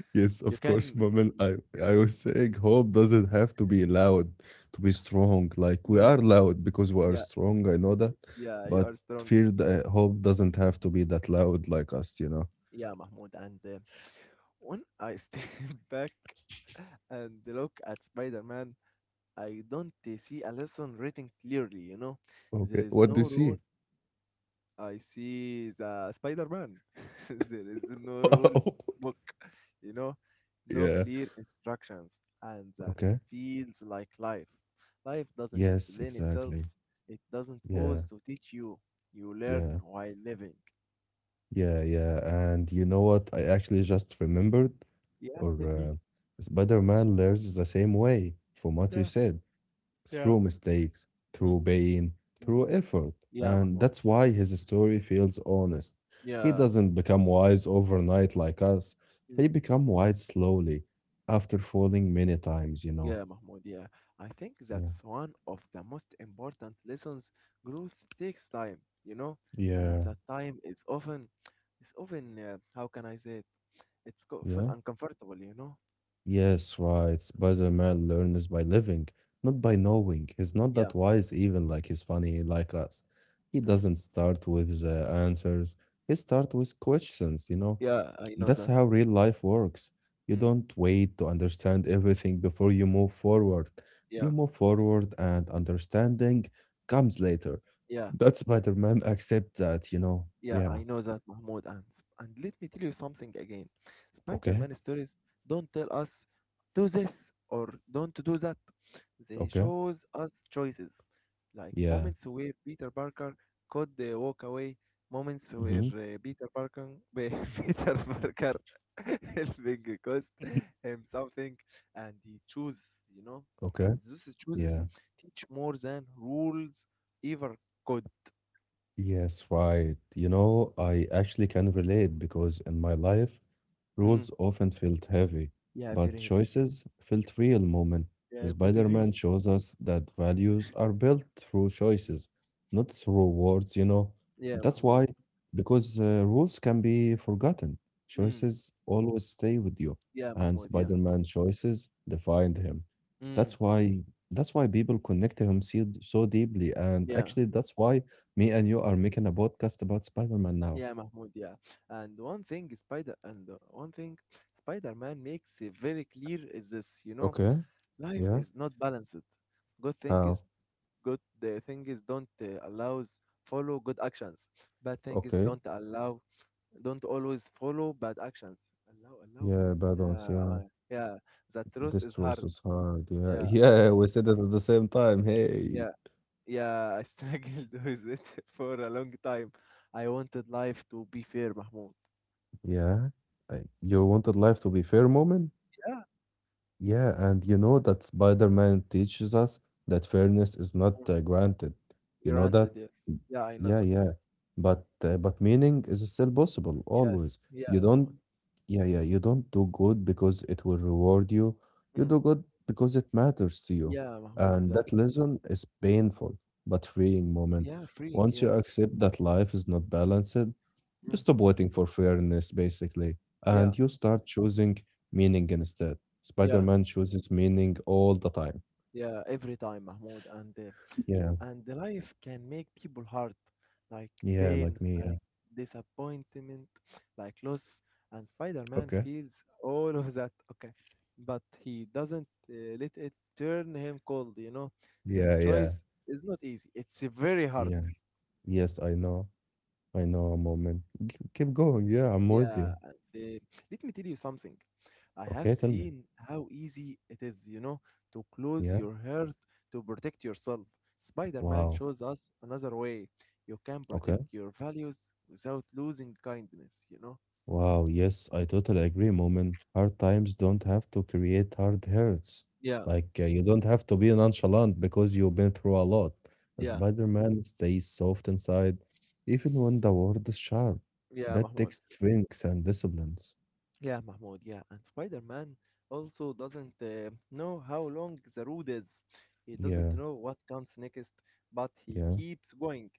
S2: Yes, of
S1: You
S2: course,
S1: can,
S2: Moment.
S1: you
S2: I
S1: can yeah,
S2: I was saying hope doesn't have to be loud to be strong. Like we
S1: mm,
S2: are loud because we are
S1: yeah,
S2: strong. I know that,
S1: yeah, you
S2: but
S1: are strong.
S2: fear that hope doesn't have to be that loud like us. You know.
S1: Yeah, Mahmoud. And when I step back and look at Spider Man, I don't see a lesson written clearly. There
S2: Okay.
S1: is
S2: What do
S1: no
S2: you
S1: rule
S2: see?
S1: I see the Spider-Man. There is no rule
S2: Wow.
S1: book, you know, no
S2: Yeah.
S1: clear instructions, and that
S2: Okay.
S1: feels like life. Life doesn't
S2: Yes.
S1: explain itself.
S2: Exactly.
S1: It doesn't pause
S2: Yeah.
S1: to teach you. You learn
S2: Yeah.
S1: while living.
S2: Yeah. Yeah. And you know what? I actually just remembered,
S1: Yeah,
S2: or
S1: tell me.
S2: Spider-Man learns the same way from what you
S1: Yeah,
S2: said.
S1: yeah.
S2: Through mistakes,
S1: Mm,
S2: through pain,
S1: mm.
S2: through effort.
S1: Yeah,
S2: And
S1: Mahmoud.
S2: that's why his story feels honest. He
S1: Yeah.
S2: doesn't become wise overnight like us. He
S1: Mm.
S2: become wise slowly after falling many times.
S1: Yeah, Mahmoud, yeah. I think
S2: Yeah.
S1: that's one of the most important lessons. Growth takes time, and
S2: Yeah,
S1: that time is often, how can I say it? It's often
S2: yeah.
S1: uncomfortable, you know?
S2: Yes, right. Spider-Man learns by living, not by knowing. He's not
S1: Yeah.
S2: that wise even like he's funny like us. He
S1: Mm.
S2: doesn't start with the answers. He starts with questions.
S1: Yeah, I know
S2: That's
S1: that.
S2: how real life works. You
S1: Mm.
S2: don't wait to understand everything before you move forward. You
S1: Yeah,
S2: move forward, and understanding comes later.
S1: yeah.
S2: That Spider Man accept that.
S1: Yeah,
S2: Yeah.
S1: I know that, Mahmoud. And, let me tell you something again. Spider
S2: Okay.
S1: Man stories don't tell us, do this or don't do that. They
S2: Okay.
S1: shows us choices, like
S2: Yeah.
S1: moments where Peter Parker could walk away, moments where
S2: Mm-hmm.
S1: Peter Parker helping cost him something, and he chooses, you know.
S2: Okay.
S1: And those choices
S2: Yeah.
S1: teach more than rules ever could.
S2: Yes, right. I actually can relate because in my life, rules
S1: Mm,
S2: often felt heavy,
S1: yeah,
S2: but
S1: very heavy.
S2: choices felt real moment.
S1: Yeah, very real.
S2: Spider-Man shows us that values are built through choices, not through words.
S1: Yeah,
S2: That's
S1: Mahmoud.
S2: why, because rules can be forgotten.
S1: Mm,
S2: Choices always stay with you,
S1: yeah,
S2: and
S1: Mahmoud. Yeah.
S2: Spider-Man choices defined him.
S1: Mm,
S2: That's why that's why people connect to him so, so deeply, and
S1: yeah,
S2: actually that's why me and you are making a podcast about Spider-Man now.
S1: yeah, Mahmoud, yeah. And one thing Spider-Man makes it very clear is this,
S2: Okay,
S1: life
S2: yeah.
S1: is not balanced. Good thing
S2: How?
S1: is good the thing is don't allows follow good actions. Bad thing is
S2: Okay.
S1: don't always follow bad actions. Allow.
S2: Yeah, bad ones,
S1: Yeah,
S2: yeah.
S1: I yeah. The truth
S2: This
S1: is
S2: truth
S1: hard.
S2: is hard, yeah.
S1: Yeah,
S2: Yeah, we said it at the same time. Hey.
S1: yeah. Yeah, I struggled with it for a long time. I wanted life to be fair, Mahmoud.
S2: Yeah. You wanted life to be fair moment?
S1: Yeah,
S2: Yeah, and you know that Spider-Man teaches us that fairness is
S1: mm,
S2: not granted. You know
S1: granted.
S2: that?
S1: Yeah, yeah, I know
S2: Yeah,
S1: that.
S2: yeah. But meaning is still possible
S1: Yes,
S2: always.
S1: yeah,
S2: You don't
S1: Mahmoud.
S2: yeah, yeah, you don't do good because it will reward you. You
S1: Mm,
S2: do good because it matters to you.
S1: yeah, Mahmoud.
S2: And
S1: That.
S2: that lesson is painful but freeing moment.
S1: Yeah, freeing.
S2: Once you
S1: Yeah,
S2: accept that life is not balanced, you
S1: mm,
S2: stop waiting for fairness basically, and
S1: yeah,
S2: you start choosing meaning instead.
S1: yeah,
S2: Spider-Man chooses meaning all the time.
S1: yeah. Every time, Mahmoud, and uh,
S2: Yeah.
S1: and the life can make people hard, like
S2: Yeah,
S1: pain,
S2: like me, yeah.
S1: like disappointment, like loss. And Spider Man
S2: Okay.
S1: feels all of that, okay, but he doesn't let it turn him cold. That
S2: Yeah, yeah.
S1: choice is not easy, it's very hard.
S2: Yeah. Yes, I know. I know, moment. Keep going. Yeah, I'm with you.
S1: Yeah, let me tell you something. I have
S2: Okay, tell me.
S1: seen how easy it is, to close
S2: Yeah.
S1: your heart to protect yourself. Spider-Man
S2: Wow.
S1: shows us another way you can
S2: Okay.
S1: protect your values without losing kindness, you know?
S2: Wow. Yes, I totally agree, moment. Hard times don't have to create hard hurts.
S1: Yeah,
S2: Like, you don't have to be nonchalant because you've been through a lot.
S1: yeah,
S2: Spider-Man stays soft inside, even when the world is sharp.
S1: yeah,
S2: That
S1: Mahmoud.
S2: takes strength and disciplines.
S1: Yeah, Mahmoud, yeah. And Spider-Man also doesn't know how long the road is. He doesn't
S2: Yeah.
S1: know what comes next, but he
S2: Yeah.
S1: keeps going.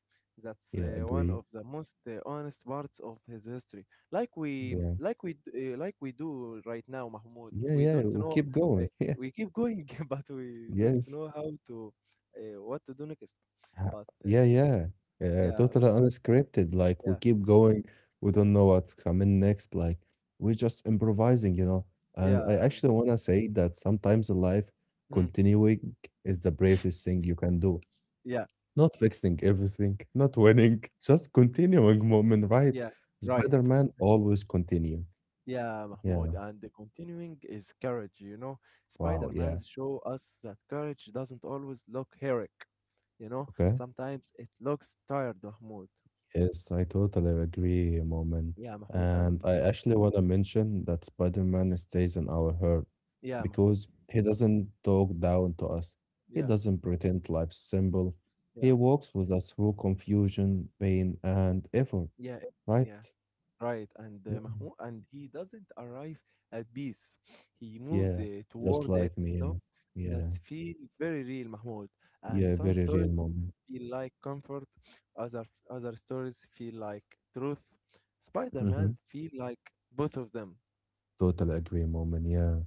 S1: That's
S2: Yeah.
S1: one
S2: Agree.
S1: of the most honest parts of his history.
S2: Yeah.
S1: Like we do right now, Mahmoud.
S2: Yeah.
S1: We
S2: Yeah.
S1: don't
S2: We'll
S1: know
S2: keep
S1: uh,
S2: going. Yeah.
S1: we keep going, but we don't
S2: Yes.
S1: know how to what to do next.
S2: Ha.
S1: But,
S2: Yeah, yeah. Yeah,
S1: yeah, but
S2: totally unscripted, like, we
S1: yeah,
S2: keep going, we don't know what's coming next, like, we're just improvising, you know? And I
S1: yeah, and
S2: actually wanna say that sometimes in life,
S1: mm,
S2: continuing is the bravest thing you can do.
S1: yeah,
S2: Not fixing everything, not winning, just continuing moment, right?
S1: yeah, right.
S2: Spider-Man always continue.
S1: Yeah,
S2: Yeah.
S1: Mahmoud, and the continuing is courage.
S2: Wow, yeah.
S1: Spider-Man's show us that courage doesn't always look heroic.
S2: Okay.
S1: Sometimes it looks tired, Mahmoud.
S2: Yes, I totally agree, Moment.
S1: Yeah, Mahmoud,
S2: And
S1: and
S2: I actually want to mention that Spider-Man stays in our heart
S1: yeah, Mahmoud.
S2: because he doesn't talk down to us. He
S1: Yeah,
S2: doesn't pretend life's simple. He
S1: yeah,
S2: walks with us through confusion, pain, and effort,
S1: yeah,
S2: right?
S1: yeah. Right, and
S2: Yeah,
S1: Mahmoud, and he doesn't arrive at peace. He moves
S2: yeah, just
S1: toward it,
S2: like
S1: you know.
S2: me. Yeah,
S1: That
S2: yeah,
S1: feel very real, Mahmoud. And
S2: yeah,
S1: some
S2: very real
S1: stories
S2: moment.
S1: feel like comfort, other other stories feel like truth.
S2: hmm
S1: Spider-Man's feel like both of them.
S2: Totally agree, moment. Yeah.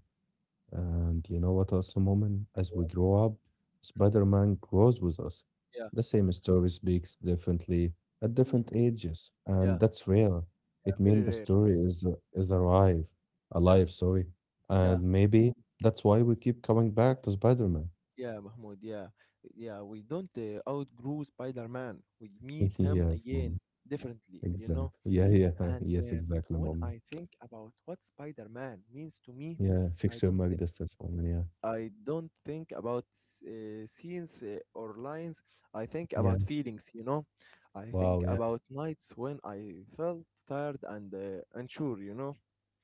S2: And you know what, also, moment, as we grow up, Spider-Man grows with us.
S1: Yeah,
S2: The same story speaks differently at different
S1: mm,
S2: ages,
S1: yeah,
S2: and that's real. It
S1: very
S2: means the
S1: rare.
S2: story is alive,
S1: Yeah,
S2: alive, sorry.
S1: yeah,
S2: And maybe that's why we keep coming back to Spider-Man.
S1: yeah, Mahmoud. Yeah, yeah. We don't outgrow Spider-Man. We meet him
S2: Yes, mom.
S1: again differently, you
S2: Exactly.
S1: know.
S2: Yeah, yeah.
S1: And
S2: Yes, exactly,
S1: when
S2: mom.
S1: I think about what Spider-Man means to me,
S2: Yeah,
S1: I
S2: fix your
S1: don't
S2: mic distance, mom. Yeah.
S1: think about scenes or lines. I think
S2: Yeah.
S1: about feelings. I
S2: Wow,
S1: think
S2: yeah.
S1: about nights when I felt tired and unsure.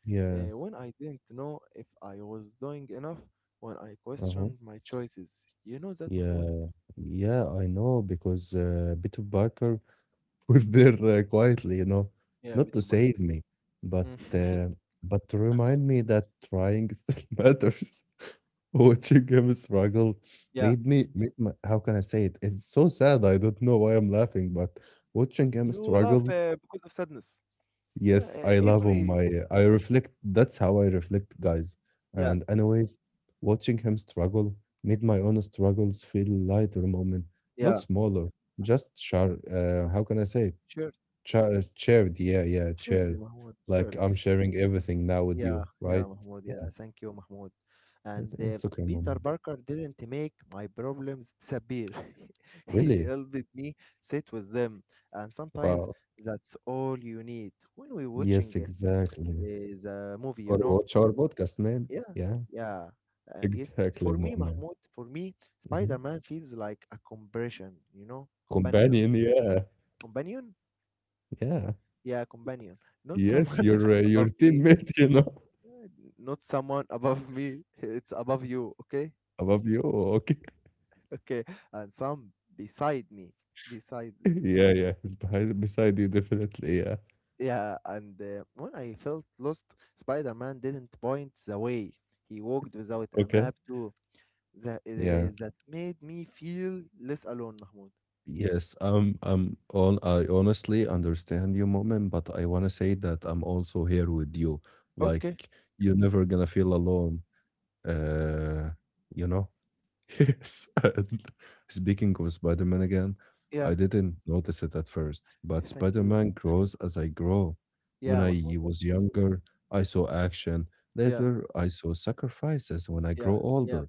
S2: Yeah.
S1: When I didn't know if I was doing enough, when I
S2: Uh-huh.
S1: questioned my choices. You know that, Mahmoud?
S2: Yeah, yeah, I know because Peter Parker was there quietly,
S1: Yeah,
S2: not to
S1: Peter Parker.
S2: save me, but
S1: Mm.
S2: but to remind me that trying still matters. Watching him struggle
S1: Yeah.
S2: made my, how can I say it? It's so sad. I don't know why I'm laughing, but watching him
S1: You laugh
S2: struggle.
S1: because of sadness. Yeah,
S2: Yes, I love on my, I reflect, that's how I reflect, guys.
S1: yeah,
S2: And anyways, watching him struggle made my own struggles feel lighter moment, not
S1: yeah.
S2: smaller, just share how can I say it?
S1: Sure.
S2: Char Shared, yeah, yeah,
S1: Sure, yeah,
S2: shared.
S1: Mahmoud.
S2: Like
S1: Sure.
S2: I'm sharing everything now with
S1: Yeah,
S2: you,
S1: yeah,
S2: right?
S1: Mahmoud. Yeah,
S2: Yeah,
S1: thank you, Mahmoud. And
S2: it's, it's okay,
S1: Peter
S2: mom.
S1: Parker didn't make my problems disappear. He
S2: Really?
S1: helped me sit with them. And sometimes
S2: Wow.
S1: that's all you need when we're watching
S2: Yes,
S1: it
S2: exactly.
S1: is a movie,
S2: Or
S1: you know?
S2: watch our podcast, man.
S1: Yeah,
S2: Yeah,
S1: yeah. Yes, for
S2: exactly, mom,
S1: me,
S2: man.
S1: Mahmoud, for me,
S2: Mhm.
S1: Spider-Man feels like a comparison, you know? Companionship.
S2: Companion, yeah,
S1: Companion?
S2: yeah.
S1: Yeah, companion. Not
S2: Yes,
S1: someone
S2: your uh, your
S1: above me,
S2: teammate,
S1: not someone above me it's above you. Okay,
S2: above you. Okay.
S1: okay, and some beside me, beside me
S2: Yeah, yeah, he's behind beside you definitely. Yeah.
S1: yeah, and when I felt lost, Spider-Man didn't point the way, he walked without a
S2: Okay.
S1: map too. that, uh,
S2: Yeah.
S1: that made me feel less alone, Mahmoud.
S2: Yes, I'm on. I honestly understand your moment, but I want to say that I'm also here with you. Like,
S1: Okay.
S2: you're never gonna feel alone. Uh, you know. Yes. And speaking of Spider Man again,
S1: Yeah,
S2: I didn't notice it at first, but
S1: thank
S2: Spider
S1: you.
S2: Man grows as I grow. When
S1: Yeah,
S2: I
S1: Mahmoud, yeah,
S2: was younger, I saw action.
S1: yeah,
S2: Later, I saw sacrifices when I
S1: yeah,
S2: grow
S1: yeah,
S2: older.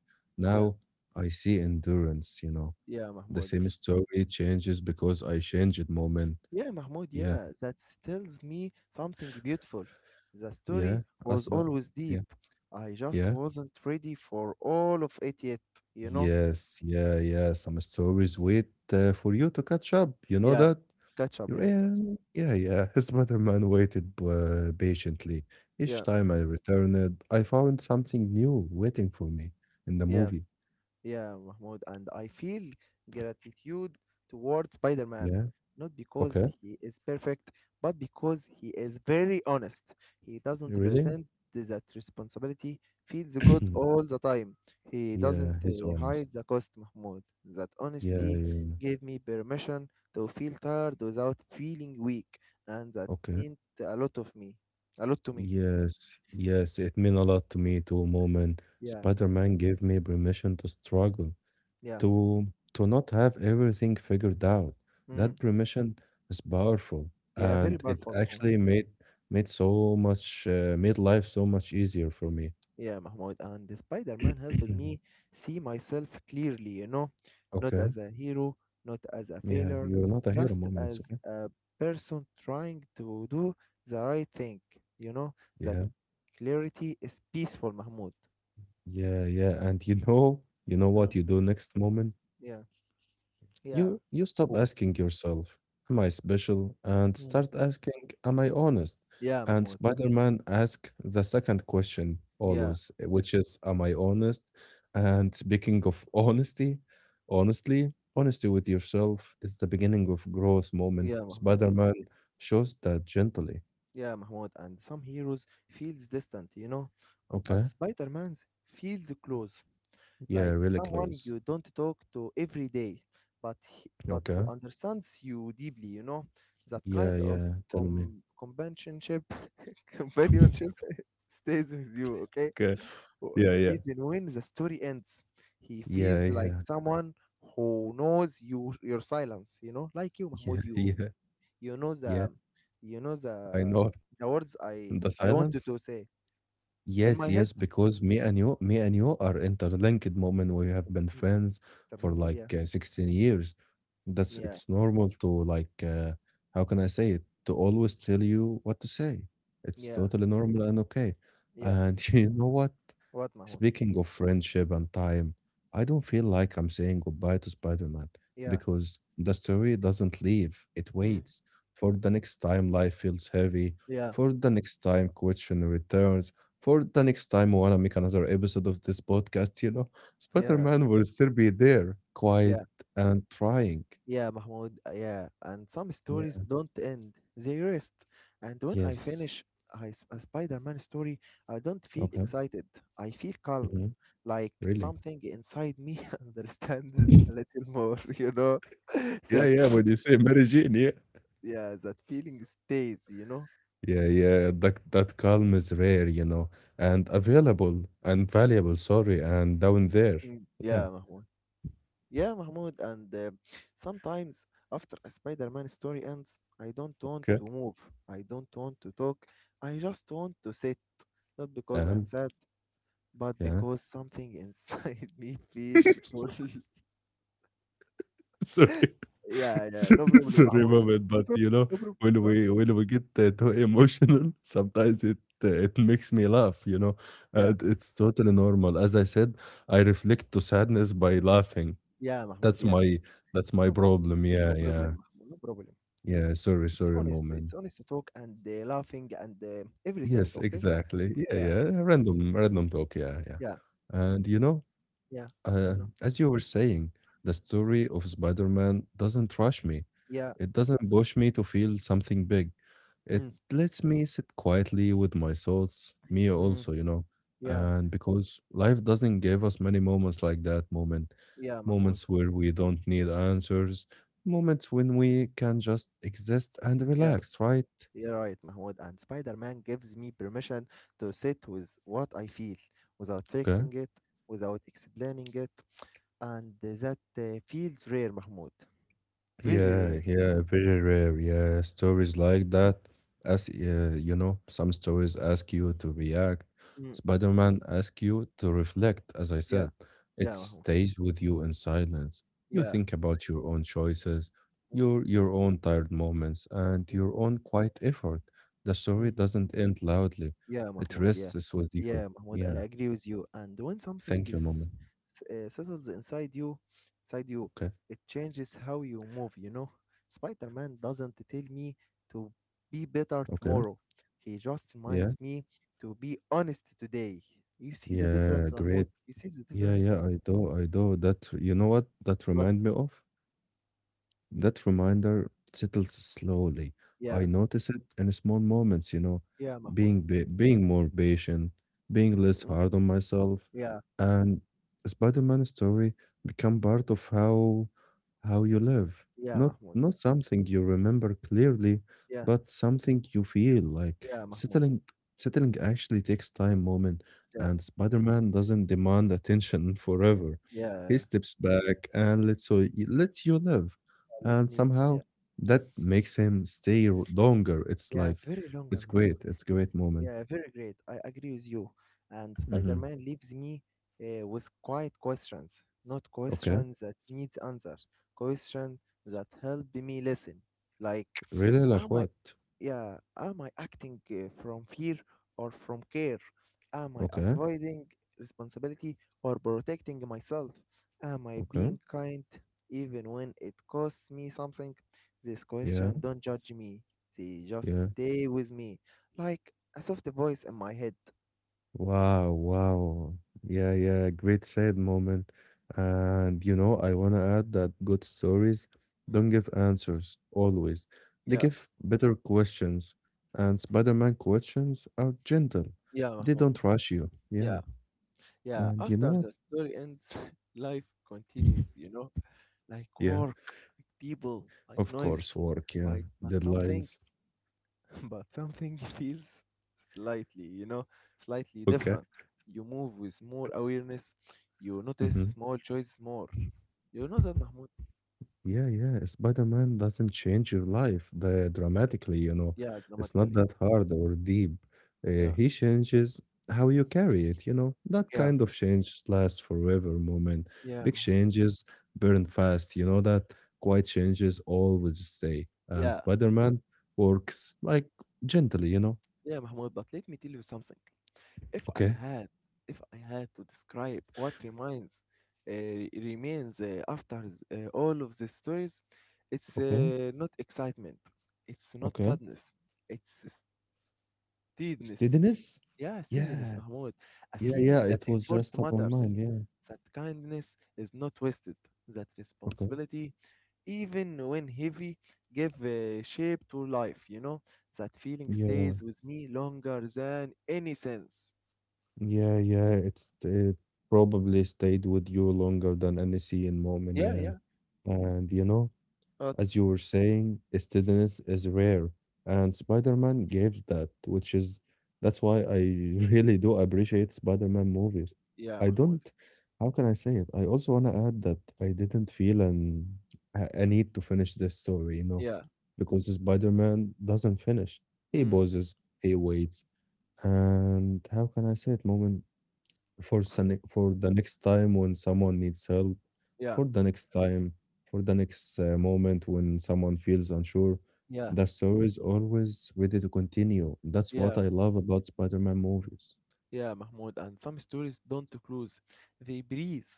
S1: yeah,
S2: Now, I see endurance.
S1: yeah,
S2: The
S1: Mahmoud.
S2: same story changes because I changed moment.
S1: Yeah, Mahmoud,
S2: Yeah,
S1: yeah, that tells me something beautiful. The
S2: yeah.
S1: story was
S2: Asba.
S1: always
S2: Yeah,
S1: deep. I just
S2: yeah.
S1: wasn't ready for all of it yet, you know?
S2: Yes, yeah, yeah. Some stories wait for you to catch up. You know
S1: Yeah,
S2: that?
S1: catch up, yeah,
S2: Yeah, yeah, yeah. His Spider-Man waited patiently. Each
S1: yeah,
S2: time I returned, I found something new waiting for me in the
S1: yeah.
S2: movie.
S1: Yeah, Mahmoud, and I feel gratitude towards Spider Man,
S2: Yeah,
S1: not because
S2: okay.
S1: he is perfect, but because he is very honest. He doesn't
S2: Really?
S1: pretend that responsibility feels good all the time. He doesn't
S2: Yeah, he's
S1: hide
S2: honest.
S1: the cost, Mahmoud. That
S2: Yeah,
S1: honesty
S2: yeah.
S1: gave me permission to feel tired without feeling weak, and that
S2: Okay.
S1: meant a lot of me. A lot to me.
S2: Yes, yes, it meant a lot to me too, moment.
S1: Yeah,
S2: Spider-Man gave me permission to struggle.
S1: yeah.
S2: to to not have everything figured out.
S1: Mm,
S2: That permission is powerful,
S1: yeah, very
S2: and it
S1: powerful, Mahmoud.
S2: actually made made so much made life so much easier for me.
S1: Yeah, Mahmoud, and the Spider-Man helped me see myself clearly, you know, not
S2: Okay.
S1: as a hero, not as a
S2: Yeah,
S1: failure,
S2: you're not a hero
S1: just
S2: moment. It's
S1: as
S2: okay.
S1: a person trying to do the right thing, you know,
S2: Yeah.
S1: that clarity is peaceful, Mahmoud.
S2: Yeah, yeah. And you know what
S1: No,
S2: you do next moment?
S1: yeah, yeah.
S2: You stop
S1: Oh,
S2: asking yourself, am I special? And
S1: hmm.
S2: start asking, am I honest?
S1: Yeah,
S2: And
S1: Mahmoud.
S2: Spider-Man asks the second question
S1: Yeah,
S2: always, which is, am I honest? And speaking of honesty, honestly, honesty with yourself is the beginning of growth moment.
S1: yeah, Mahmoud.
S2: Spider-Man shows that gently.
S1: Yeah, Mahmoud. And some heroes feels distant, you know, but
S2: Okay.
S1: Spider-Man's feels close.
S2: Yeah,
S1: Like
S2: really
S1: someone
S2: close.
S1: you don't talk to every day, but who
S2: Okay.
S1: understands you deeply. You know that kind
S2: Yeah,
S1: of
S2: yeah. Tell me.
S1: companionship companionship stays with you. Okay.
S2: Okay.
S1: Wh-
S2: Yeah, yeah.
S1: even when the story ends, he
S2: Yeah,
S1: feels like
S2: yeah.
S1: someone who knows you your silence. You know, like you, Mahmoud.
S2: Yeah,
S1: You
S2: yeah.
S1: you know the
S2: Yeah.
S1: you know
S2: I know.
S1: the words
S2: The
S1: I
S2: silence?
S1: wanted to say
S2: Yes,
S1: in my
S2: yes,
S1: head.
S2: because me and you are interlinked moment. We have been friends for
S1: Interlinked,
S2: like
S1: yeah,
S2: 16 years. That's
S1: yeah,
S2: it's normal to like how can I say it? To always tell you what to say. It's
S1: yeah,
S2: totally normal and okay.
S1: yeah.
S2: And you know what?
S1: What, Mahmoud?
S2: Speaking of friendship and time, I don't feel like I'm saying goodbye to Spider Man
S1: Yeah.
S2: because the story doesn't leave, it
S1: Mm.
S2: waits. For the next time life feels heavy,
S1: Yeah,
S2: for the next time question returns, for the next time we wanna make another episode of this podcast, you know, Spider
S1: yeah,
S2: Man will still be there, quiet
S1: yeah,
S2: and trying.
S1: yeah, Mahmoud. Yeah, and some stories
S2: Yeah.
S1: don't end, they rest. And when I
S2: Yes.
S1: finish a Spider Man story, I don't feel
S2: Okay.
S1: excited, I feel calm,
S2: Hmm.
S1: like
S2: Really?
S1: something inside me understands a little more, you know?
S2: Yeah,
S1: That's,
S2: yeah. When you say Mary Jane, yeah.
S1: yeah, that feeling stays, you know?
S2: Yeah, yeah, that calm is rare, you know, and available and valuable, sorry, and down there.
S1: Mm,
S2: Yeah,
S1: yeah, Mahmoud. Yeah, Mahmoud, and sometimes after a Spider-Man story ends, I don't want
S2: okay.
S1: to move. I don't want to talk. I just want to sit, not because I'm
S2: And
S1: sad, but
S2: yeah.
S1: because something inside me feels full.
S2: Sorry.
S1: Yeah, yeah, no problem,
S2: Sorry
S1: Mahmoud.
S2: moment,
S1: No
S2: but
S1: problem,
S2: you know,
S1: no problem.
S2: when
S1: Huh?
S2: we when we get too emotional, sometimes it it makes me laugh, you know.
S1: Yeah,
S2: And it's totally normal. As I said, I reflect to sadness by laughing.
S1: yeah, Mahmoud,
S2: That's
S1: yeah.
S2: my that's my
S1: No bro,
S2: problem. Yeah,
S1: no
S2: yeah.
S1: problem, Mahmoud, no problem.
S2: Yeah, sorry, sorry moment.
S1: It's honest to talk and laughing and everything,
S2: Yes,
S1: okay?
S2: exactly. Yeah,
S1: Yeah,
S2: yeah. Random, random talk. Yeah, yeah.
S1: yeah,
S2: And you know,
S1: yeah, I
S2: uh,
S1: know.
S2: as you were saying, the story of Spider-Man doesn't rush me.
S1: Yeah.
S2: It doesn't push me to feel something big. It
S1: Mm.
S2: lets me sit quietly with my thoughts, me
S1: Mm.
S2: also, you know.
S1: Yeah.
S2: And because life doesn't give us many moments like that moment,
S1: Yeah, Mahmoud.
S2: moments where we don't need answers, moments when we can just exist and
S1: Yeah,
S2: relax, right?
S1: you're right, Mahmoud. And Spider Man gives me permission to sit with what I feel without
S2: Okay.
S1: fixing it, without explaining it. And that feels rare, Mahmoud. Very rare.
S2: Yeah, yeah, very rare. Yeah,
S1: Mm,
S2: stories like that. As you know, some stories ask you to react.
S1: mm,
S2: Spider-Man asks you to reflect, as I
S1: yeah,
S2: said. It
S1: yeah, Mahmoud.
S2: stays with you in silence. You
S1: Yeah.
S2: think about your own choices,
S1: Mm,
S2: your own tired moments, and
S1: mm,
S2: your own quiet effort. The story
S1: mm.
S2: doesn't end loudly.
S1: Yeah,
S2: It
S1: Mahmoud. Yeah,
S2: rests with you.
S1: yeah, Mahmoud. I
S2: Yeah.
S1: agree with you. And when something
S2: Thank you,
S1: is
S2: Mama.
S1: settles inside you,
S2: Okay.
S1: it changes how you move. You know, Spider-Man doesn't tell me to be better
S2: Okay.
S1: tomorrow. He just
S2: Yeah.
S1: reminds me to be honest today. You see the
S2: Yeah.
S1: difference,
S2: Great.
S1: Mahmoud. You see the
S2: Yeah,
S1: difference.
S2: yeah, I do, I do. That you know what that
S1: But
S2: remind me of? That reminder settles slowly.
S1: yeah,
S2: I notice it in small moments, you know,
S1: yeah, Mahmoud.
S2: being more patient, being less
S1: Mm,
S2: hard on myself,
S1: yeah,
S2: and Spider-Man story become part of how you live.
S1: yeah,
S2: Not
S1: Mahmoud.
S2: not something you remember clearly,
S1: Yeah,
S2: but something you feel like
S1: yeah, Mahmoud.
S2: settling settling actually takes time, moment,
S1: Yeah,
S2: and Spider-Man doesn't demand attention forever.
S1: yeah. Yeah.
S2: He
S1: Yeah.
S2: steps back and lets you live
S1: Let
S2: and
S1: me. Yeah,
S2: somehow that makes him stay longer. It's
S1: yeah.
S2: like
S1: Very longer,
S2: it's
S1: Mahmoud.
S2: great. It's great moment.
S1: Yeah, very great. I agree with you. And
S2: Hmm.
S1: Spider-Man leaves me with quiet questions, not
S2: Okay,
S1: questions that needs answers, questions that help me listen. Like,
S2: really
S1: am
S2: like what?
S1: yeah, am I acting from fear or from care? Am I
S2: Okay,
S1: avoiding responsibility or protecting myself? Am I
S2: okay,
S1: being kind even when it costs me something? This
S2: yeah,
S1: question don't judge me. They
S2: yeah.
S1: just stay with me like a soft voice in my head.
S2: Wow, wow. Yeah, yeah. Great sad moment. And you know, I wanna add that good stories
S1: Mm.
S2: don't give answers always. They
S1: Yeah,
S2: give better questions. And Spider-Man questions are gentle.
S1: yeah,
S2: They
S1: Mahmoud.
S2: don't rush you. Yeah.
S1: Yeah, yeah.
S2: And you know
S1: After
S2: what?
S1: the story ends, life continues, you know, like
S2: Yeah.
S1: work, like people, like
S2: Of
S1: noise,
S2: course, work, yeah,
S1: but something.
S2: deadlines.
S1: But something feels slightly, you know, slightly
S2: Okay.
S1: different. You move with more awareness, you notice
S2: Hmm.
S1: small choices more. You know that, Mahmoud?
S2: Yeah, yeah. Spider-Man doesn't change your life the, dramatically, you know.
S1: Yeah,
S2: It's not
S1: dramatically.
S2: that hard or deep. Uh,
S1: Yeah,
S2: he changes how you carry it, you know. That
S1: yeah,
S2: kind of change lasts forever moment.
S1: yeah,
S2: Big
S1: Mahmoud.
S2: changes burn fast, you know that quiet changes always stay. And
S1: Yeah,
S2: Spider-Man works like gently, you know.
S1: yeah, Mahmoud. But let me tell you something. If I
S2: Okay,
S1: had, if I had to describe what remains, after all of these stories, it's
S2: okay,
S1: uh, not excitement, it's not
S2: okay.
S1: sadness, it's
S2: S-
S1: steadiness.
S2: Steadiness?
S1: Yeah, steadiness,
S2: Yeah,
S1: Mahmoud. A
S2: yeah,
S1: feeling
S2: yeah,
S1: that
S2: it was
S1: effort
S2: just on my
S1: matters,
S2: mind. Yeah.
S1: that kindness is not wasted, that
S2: Okay.
S1: responsibility, even when heavy, give shape to life, you know? That feeling
S2: Yeah.
S1: stays with me longer than any sense.
S2: Yeah, yeah. It probably stayed with you longer than any scene moment.
S1: Yeah,
S2: Yeah.
S1: yeah.
S2: And you know,
S1: But
S2: as you were saying, steadiness is rare, and Spider-Man gives that, which is that's why I really do appreciate Spider-Man movies.
S1: yeah,
S2: I don't,
S1: Mahmoud.
S2: how can I say it? I also want to add that I didn't feel an a need to finish this story, you know,
S1: Yeah.
S2: because Spider-Man doesn't finish. He
S1: Mm.
S2: pauses, he waits, and how can I say it, moment?
S1: F-
S2: For the next time when someone needs help,
S1: yeah,
S2: for the next time, for the next moment when someone feels unsure.
S1: yeah,
S2: The story is always ready to continue. That's what
S1: yeah.
S2: I love about Spider-Man movies.
S1: Yeah, Mahmoud, and some stories don't close, they breathe.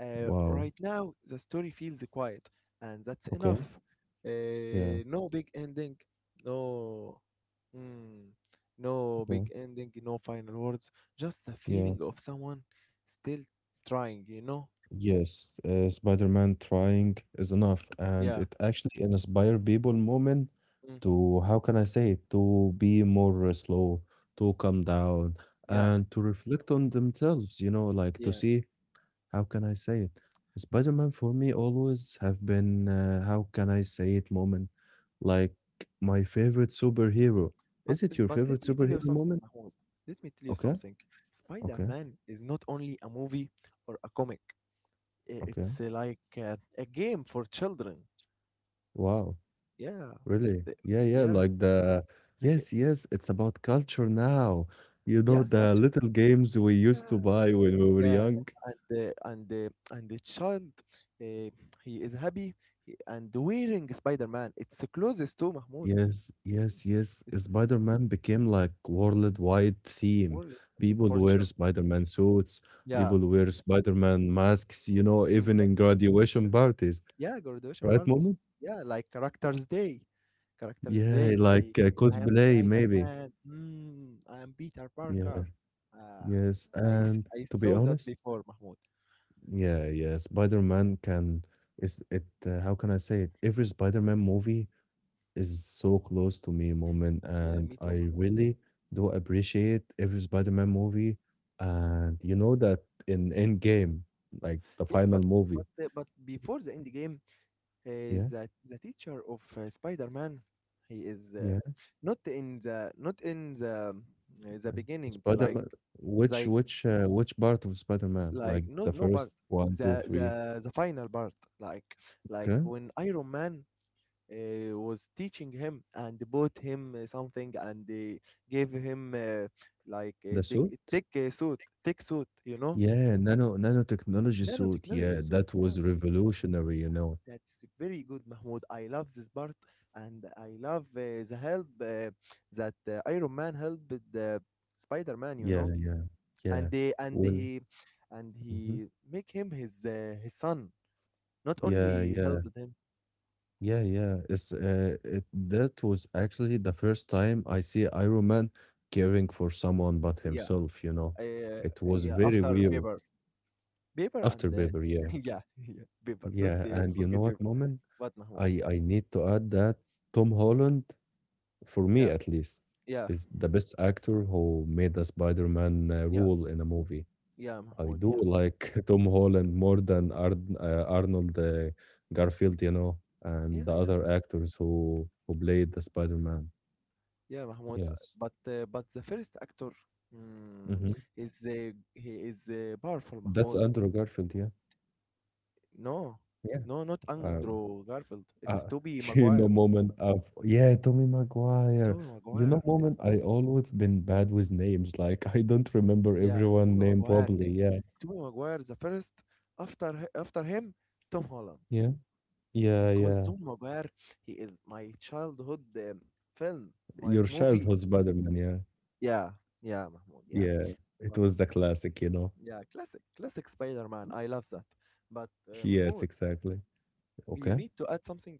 S2: Wow.
S1: Right now, the story feels quiet, and that's
S2: Okay.
S1: enough.
S2: Yeah.
S1: No big ending, no, mm, no
S2: Yeah.
S1: big ending, no final words, just the
S2: Yeah.
S1: feeling of someone still trying, you know?
S2: Yes, Spider-Man trying is enough, and
S1: Yeah,
S2: it actually inspire people moment
S1: mm,
S2: to, how can I say it, to be more slow, to calm down,
S1: yeah,
S2: and to reflect on themselves, you know, like to
S1: yeah.
S2: see, how can I say it? Spider-Man for me always have been, how can I say it, moment, like my favorite superhero.
S1: But
S2: Is it your
S1: but
S2: favorite
S1: let me tell
S2: superhero
S1: you something,
S2: moment?
S1: Mahmoud. Let me tell you
S2: Okay,
S1: something.
S2: okay,
S1: Spider-Man is not only a movie or a comic. I-
S2: okay.
S1: it's like a game for children.
S2: Wow.
S1: Yeah,
S2: Really?
S1: the-
S2: Yeah, yeah,
S1: yeah,
S2: like the
S1: like,
S2: yes, yes, it's about culture now. You know,
S1: yeah,
S2: the
S1: culture.
S2: little games we used
S1: Yeah,
S2: to buy when we were
S1: yeah,
S2: young.
S1: and uh, and uh, and the child, uh, he is happy and wearing Spider-Man. It's the closest to Mahmoud.
S2: Yes, yes,
S1: It's,
S2: yes.
S1: it's
S2: Spider-Man became like worldwide theme.
S1: world
S2: People
S1: for
S2: wear
S1: children.
S2: Spider-Man suits,
S1: Yeah.
S2: people wear Spider-Man masks, you know,
S1: Mm.
S2: even in graduation parties,
S1: Yeah, graduation
S2: right,
S1: parties.
S2: Momo?
S1: Yeah, like Characters Day. Characters
S2: Yeah,
S1: Day. They,
S2: like
S1: I am
S2: cosplay, maybe.
S1: Spider-Man. Mm, I am Peter
S2: Yeah,
S1: Parker. Uh,
S2: yes. And
S1: I
S2: to be
S1: saw that
S2: honest,
S1: before, Mahmoud.
S2: yeah, yeah. Spider-Man can is it how can I say it? Every Spider-Man movie is so close to me moment
S1: Yeah,
S2: and
S1: me too,
S2: I
S1: Mahmoud.
S2: really do appreciate every Spider-Man movie and you know that in Endgame, like the
S1: Yeah,
S2: final
S1: but
S2: movie.
S1: but uh, but before the end game,
S2: Yeah,
S1: the teacher of Spider-Man, he is
S2: yeah,
S1: not in the not in the
S2: yeah.
S1: beginning like
S2: Spider-Man
S1: they
S2: which part of Spider-Man?
S1: like
S2: Like
S1: not
S2: the
S1: no part
S2: first one, two,
S1: the
S2: three.
S1: the the final part like like
S2: Okay.
S1: when iron man was teaching him and bought him something and they gave him like a
S2: The
S1: thick
S2: suit?
S1: thick suit thick suit you know
S2: Yeah, nanotechnology suit.
S1: nanotechnology
S2: Yeah,
S1: suit
S2: that
S1: yeah
S2: was revolutionary, you
S1: yeah
S2: know.
S1: that's very good Mahmoud, I love this part and I love the help that iron man helped the spider-man you
S2: Yeah,
S1: know
S2: yeah, yeah.
S1: and they and
S2: Well,
S1: he and
S2: mhm.
S1: he make him his son. Not only
S2: Yeah, yeah,
S1: helped him,
S2: yeah, yeah. It that was actually the first time I see Iron Man caring for someone but
S1: yeah,
S2: himself, you know. It was
S1: yeah.
S2: very
S1: After
S2: weird
S1: Bieber, Bieber
S2: after
S1: and
S2: Paper, yeah.
S1: yeah, yeah, Bieber. Don't
S2: Yeah, and you know
S1: forget
S2: what,
S1: Bieber.
S2: Moment?
S1: What, Mahmoud?
S2: I need to add that Tom Holland, for me
S1: Yeah,
S2: at least,
S1: yeah,
S2: is the best actor who made the Spider-Man
S1: yeah,
S2: role in a movie.
S1: yeah,
S2: I
S1: Mahmoud.
S2: do
S1: Yeah,
S2: like Tom Holland more than Arnold Garfield, you know,
S1: yeah,
S2: and the
S1: yeah,
S2: other actors who played the Spider-Man.
S1: yeah, Mahmoud. uh,
S2: Yes.
S1: But uh, but the first actor, mm,
S2: Hmm.
S1: is he is powerful,
S2: That's
S1: Mahmoud.
S2: Andrew Garfield, yeah.
S1: No,
S2: Yeah.
S1: no, not
S2: Um,
S1: Andrew Garfield. It's
S2: uh,
S1: Toby
S2: you know,
S1: Maguire.
S2: moment of yeah, Tommy Maguire.
S1: Toby
S2: You know,
S1: Maguire. It's
S2: moment I always been bad with names. Like I don't remember
S1: yeah,
S2: everyone
S1: Toby
S2: name
S1: Maguire.
S2: properly. Yeah.
S1: Toby Maguire. The first after him, Tom Holland.
S2: Yeah. Yeah,
S1: Because
S2: yeah.
S1: Tom Maguire, he is my childhood film, my
S2: Your
S1: movie.
S2: childhood Spider-Man, yeah.
S1: Yeah, yeah, Mahmoud, yeah.
S2: Yeah. It
S1: But
S2: was the classic, you know.
S1: yeah, classic, classic Spider-Man. I love that. But
S2: Yes,
S1: Mahmoud,
S2: exactly.
S1: you
S2: Okay.
S1: need to add something.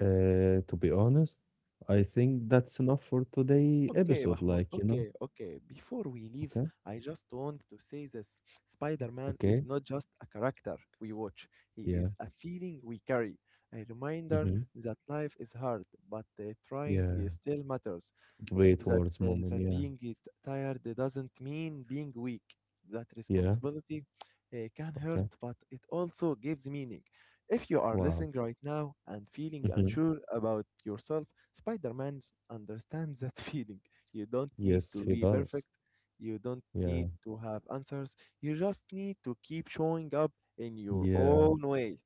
S2: To be honest, I think that's enough for today
S1: Okay,
S2: episode.
S1: Mahmoud.
S2: Like, you know,
S1: Okay, okay. Before we leave,
S2: okay,
S1: I just want to say this. Spider-Man is
S2: okay,
S1: not just a character we watch. He
S2: yeah,
S1: is a feeling we carry, a reminder
S2: mm-hmm,
S1: that life is hard, but uh, trying
S2: yeah.
S1: uh, still matters.
S2: Great
S1: that
S2: words,
S1: uh,
S2: moment.
S1: that
S2: Yeah,
S1: being t- tired doesn't mean being weak. That
S2: yeah,
S1: responsibility can hurt,
S2: okay.
S1: but it also gives meaning. If you are
S2: Wow.
S1: listening right now and feeling
S2: Mm-hmm.
S1: unsure about yourself, Spider-Man understands that feeling. You don't need
S2: Yes,
S1: to
S2: he
S1: be
S2: does.
S1: perfect. You don't
S2: Yeah,
S1: need to have answers. You just need to keep showing up in your
S2: yeah.
S1: own way.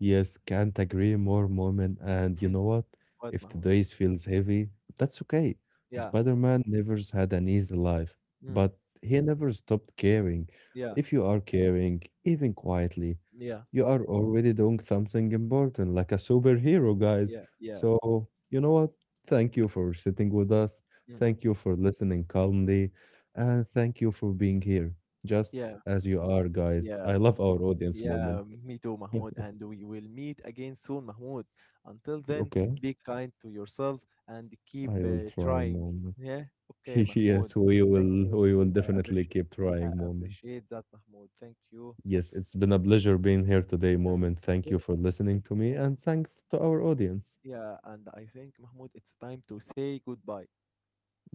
S2: Yes, can't agree more, Moment. And you know what?
S1: What,
S2: If
S1: Mahmoud?
S2: today's feels heavy, that's okay.
S1: Yeah.
S2: Spider-Man never's had an easy life,
S1: Mm.
S2: but he never stopped caring.
S1: Yeah.
S2: If you are caring, even quietly,
S1: Yeah.
S2: you are already doing something important, like a superhero, guys.
S1: Yeah. Yeah.
S2: So, you know what? Thank you for sitting with us.
S1: Mm.
S2: Thank you for listening calmly. And thank you for being here, just
S1: Yeah.
S2: as you are, guys.
S1: Yeah.
S2: I love our audience moment.
S1: Yeah, me too, Mahmoud. And we will meet again soon, Mahmoud. Until then,
S2: Okay.
S1: be kind to yourself and keep
S2: I will try,
S1: trying.
S2: Moment.
S1: Yeah. Okay, Mahmoud.
S2: Yes,
S1: Thank you,
S2: we will
S1: Mahmoud. I
S2: definitely
S1: appreciate.
S2: keep
S1: I
S2: trying, Moment.
S1: appreciate that, Mahmoud. Thank you.
S2: Yes, it's been a pleasure being here today,
S1: Yeah.
S2: Moment. Thank you
S1: Very.
S2: for listening to me
S1: Thank.
S2: and thanks to our audience.
S1: Yeah. And I think, Mahmoud, it's time to say goodbye.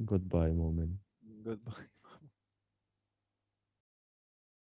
S2: Goodbye, Moment.
S1: Goodbye.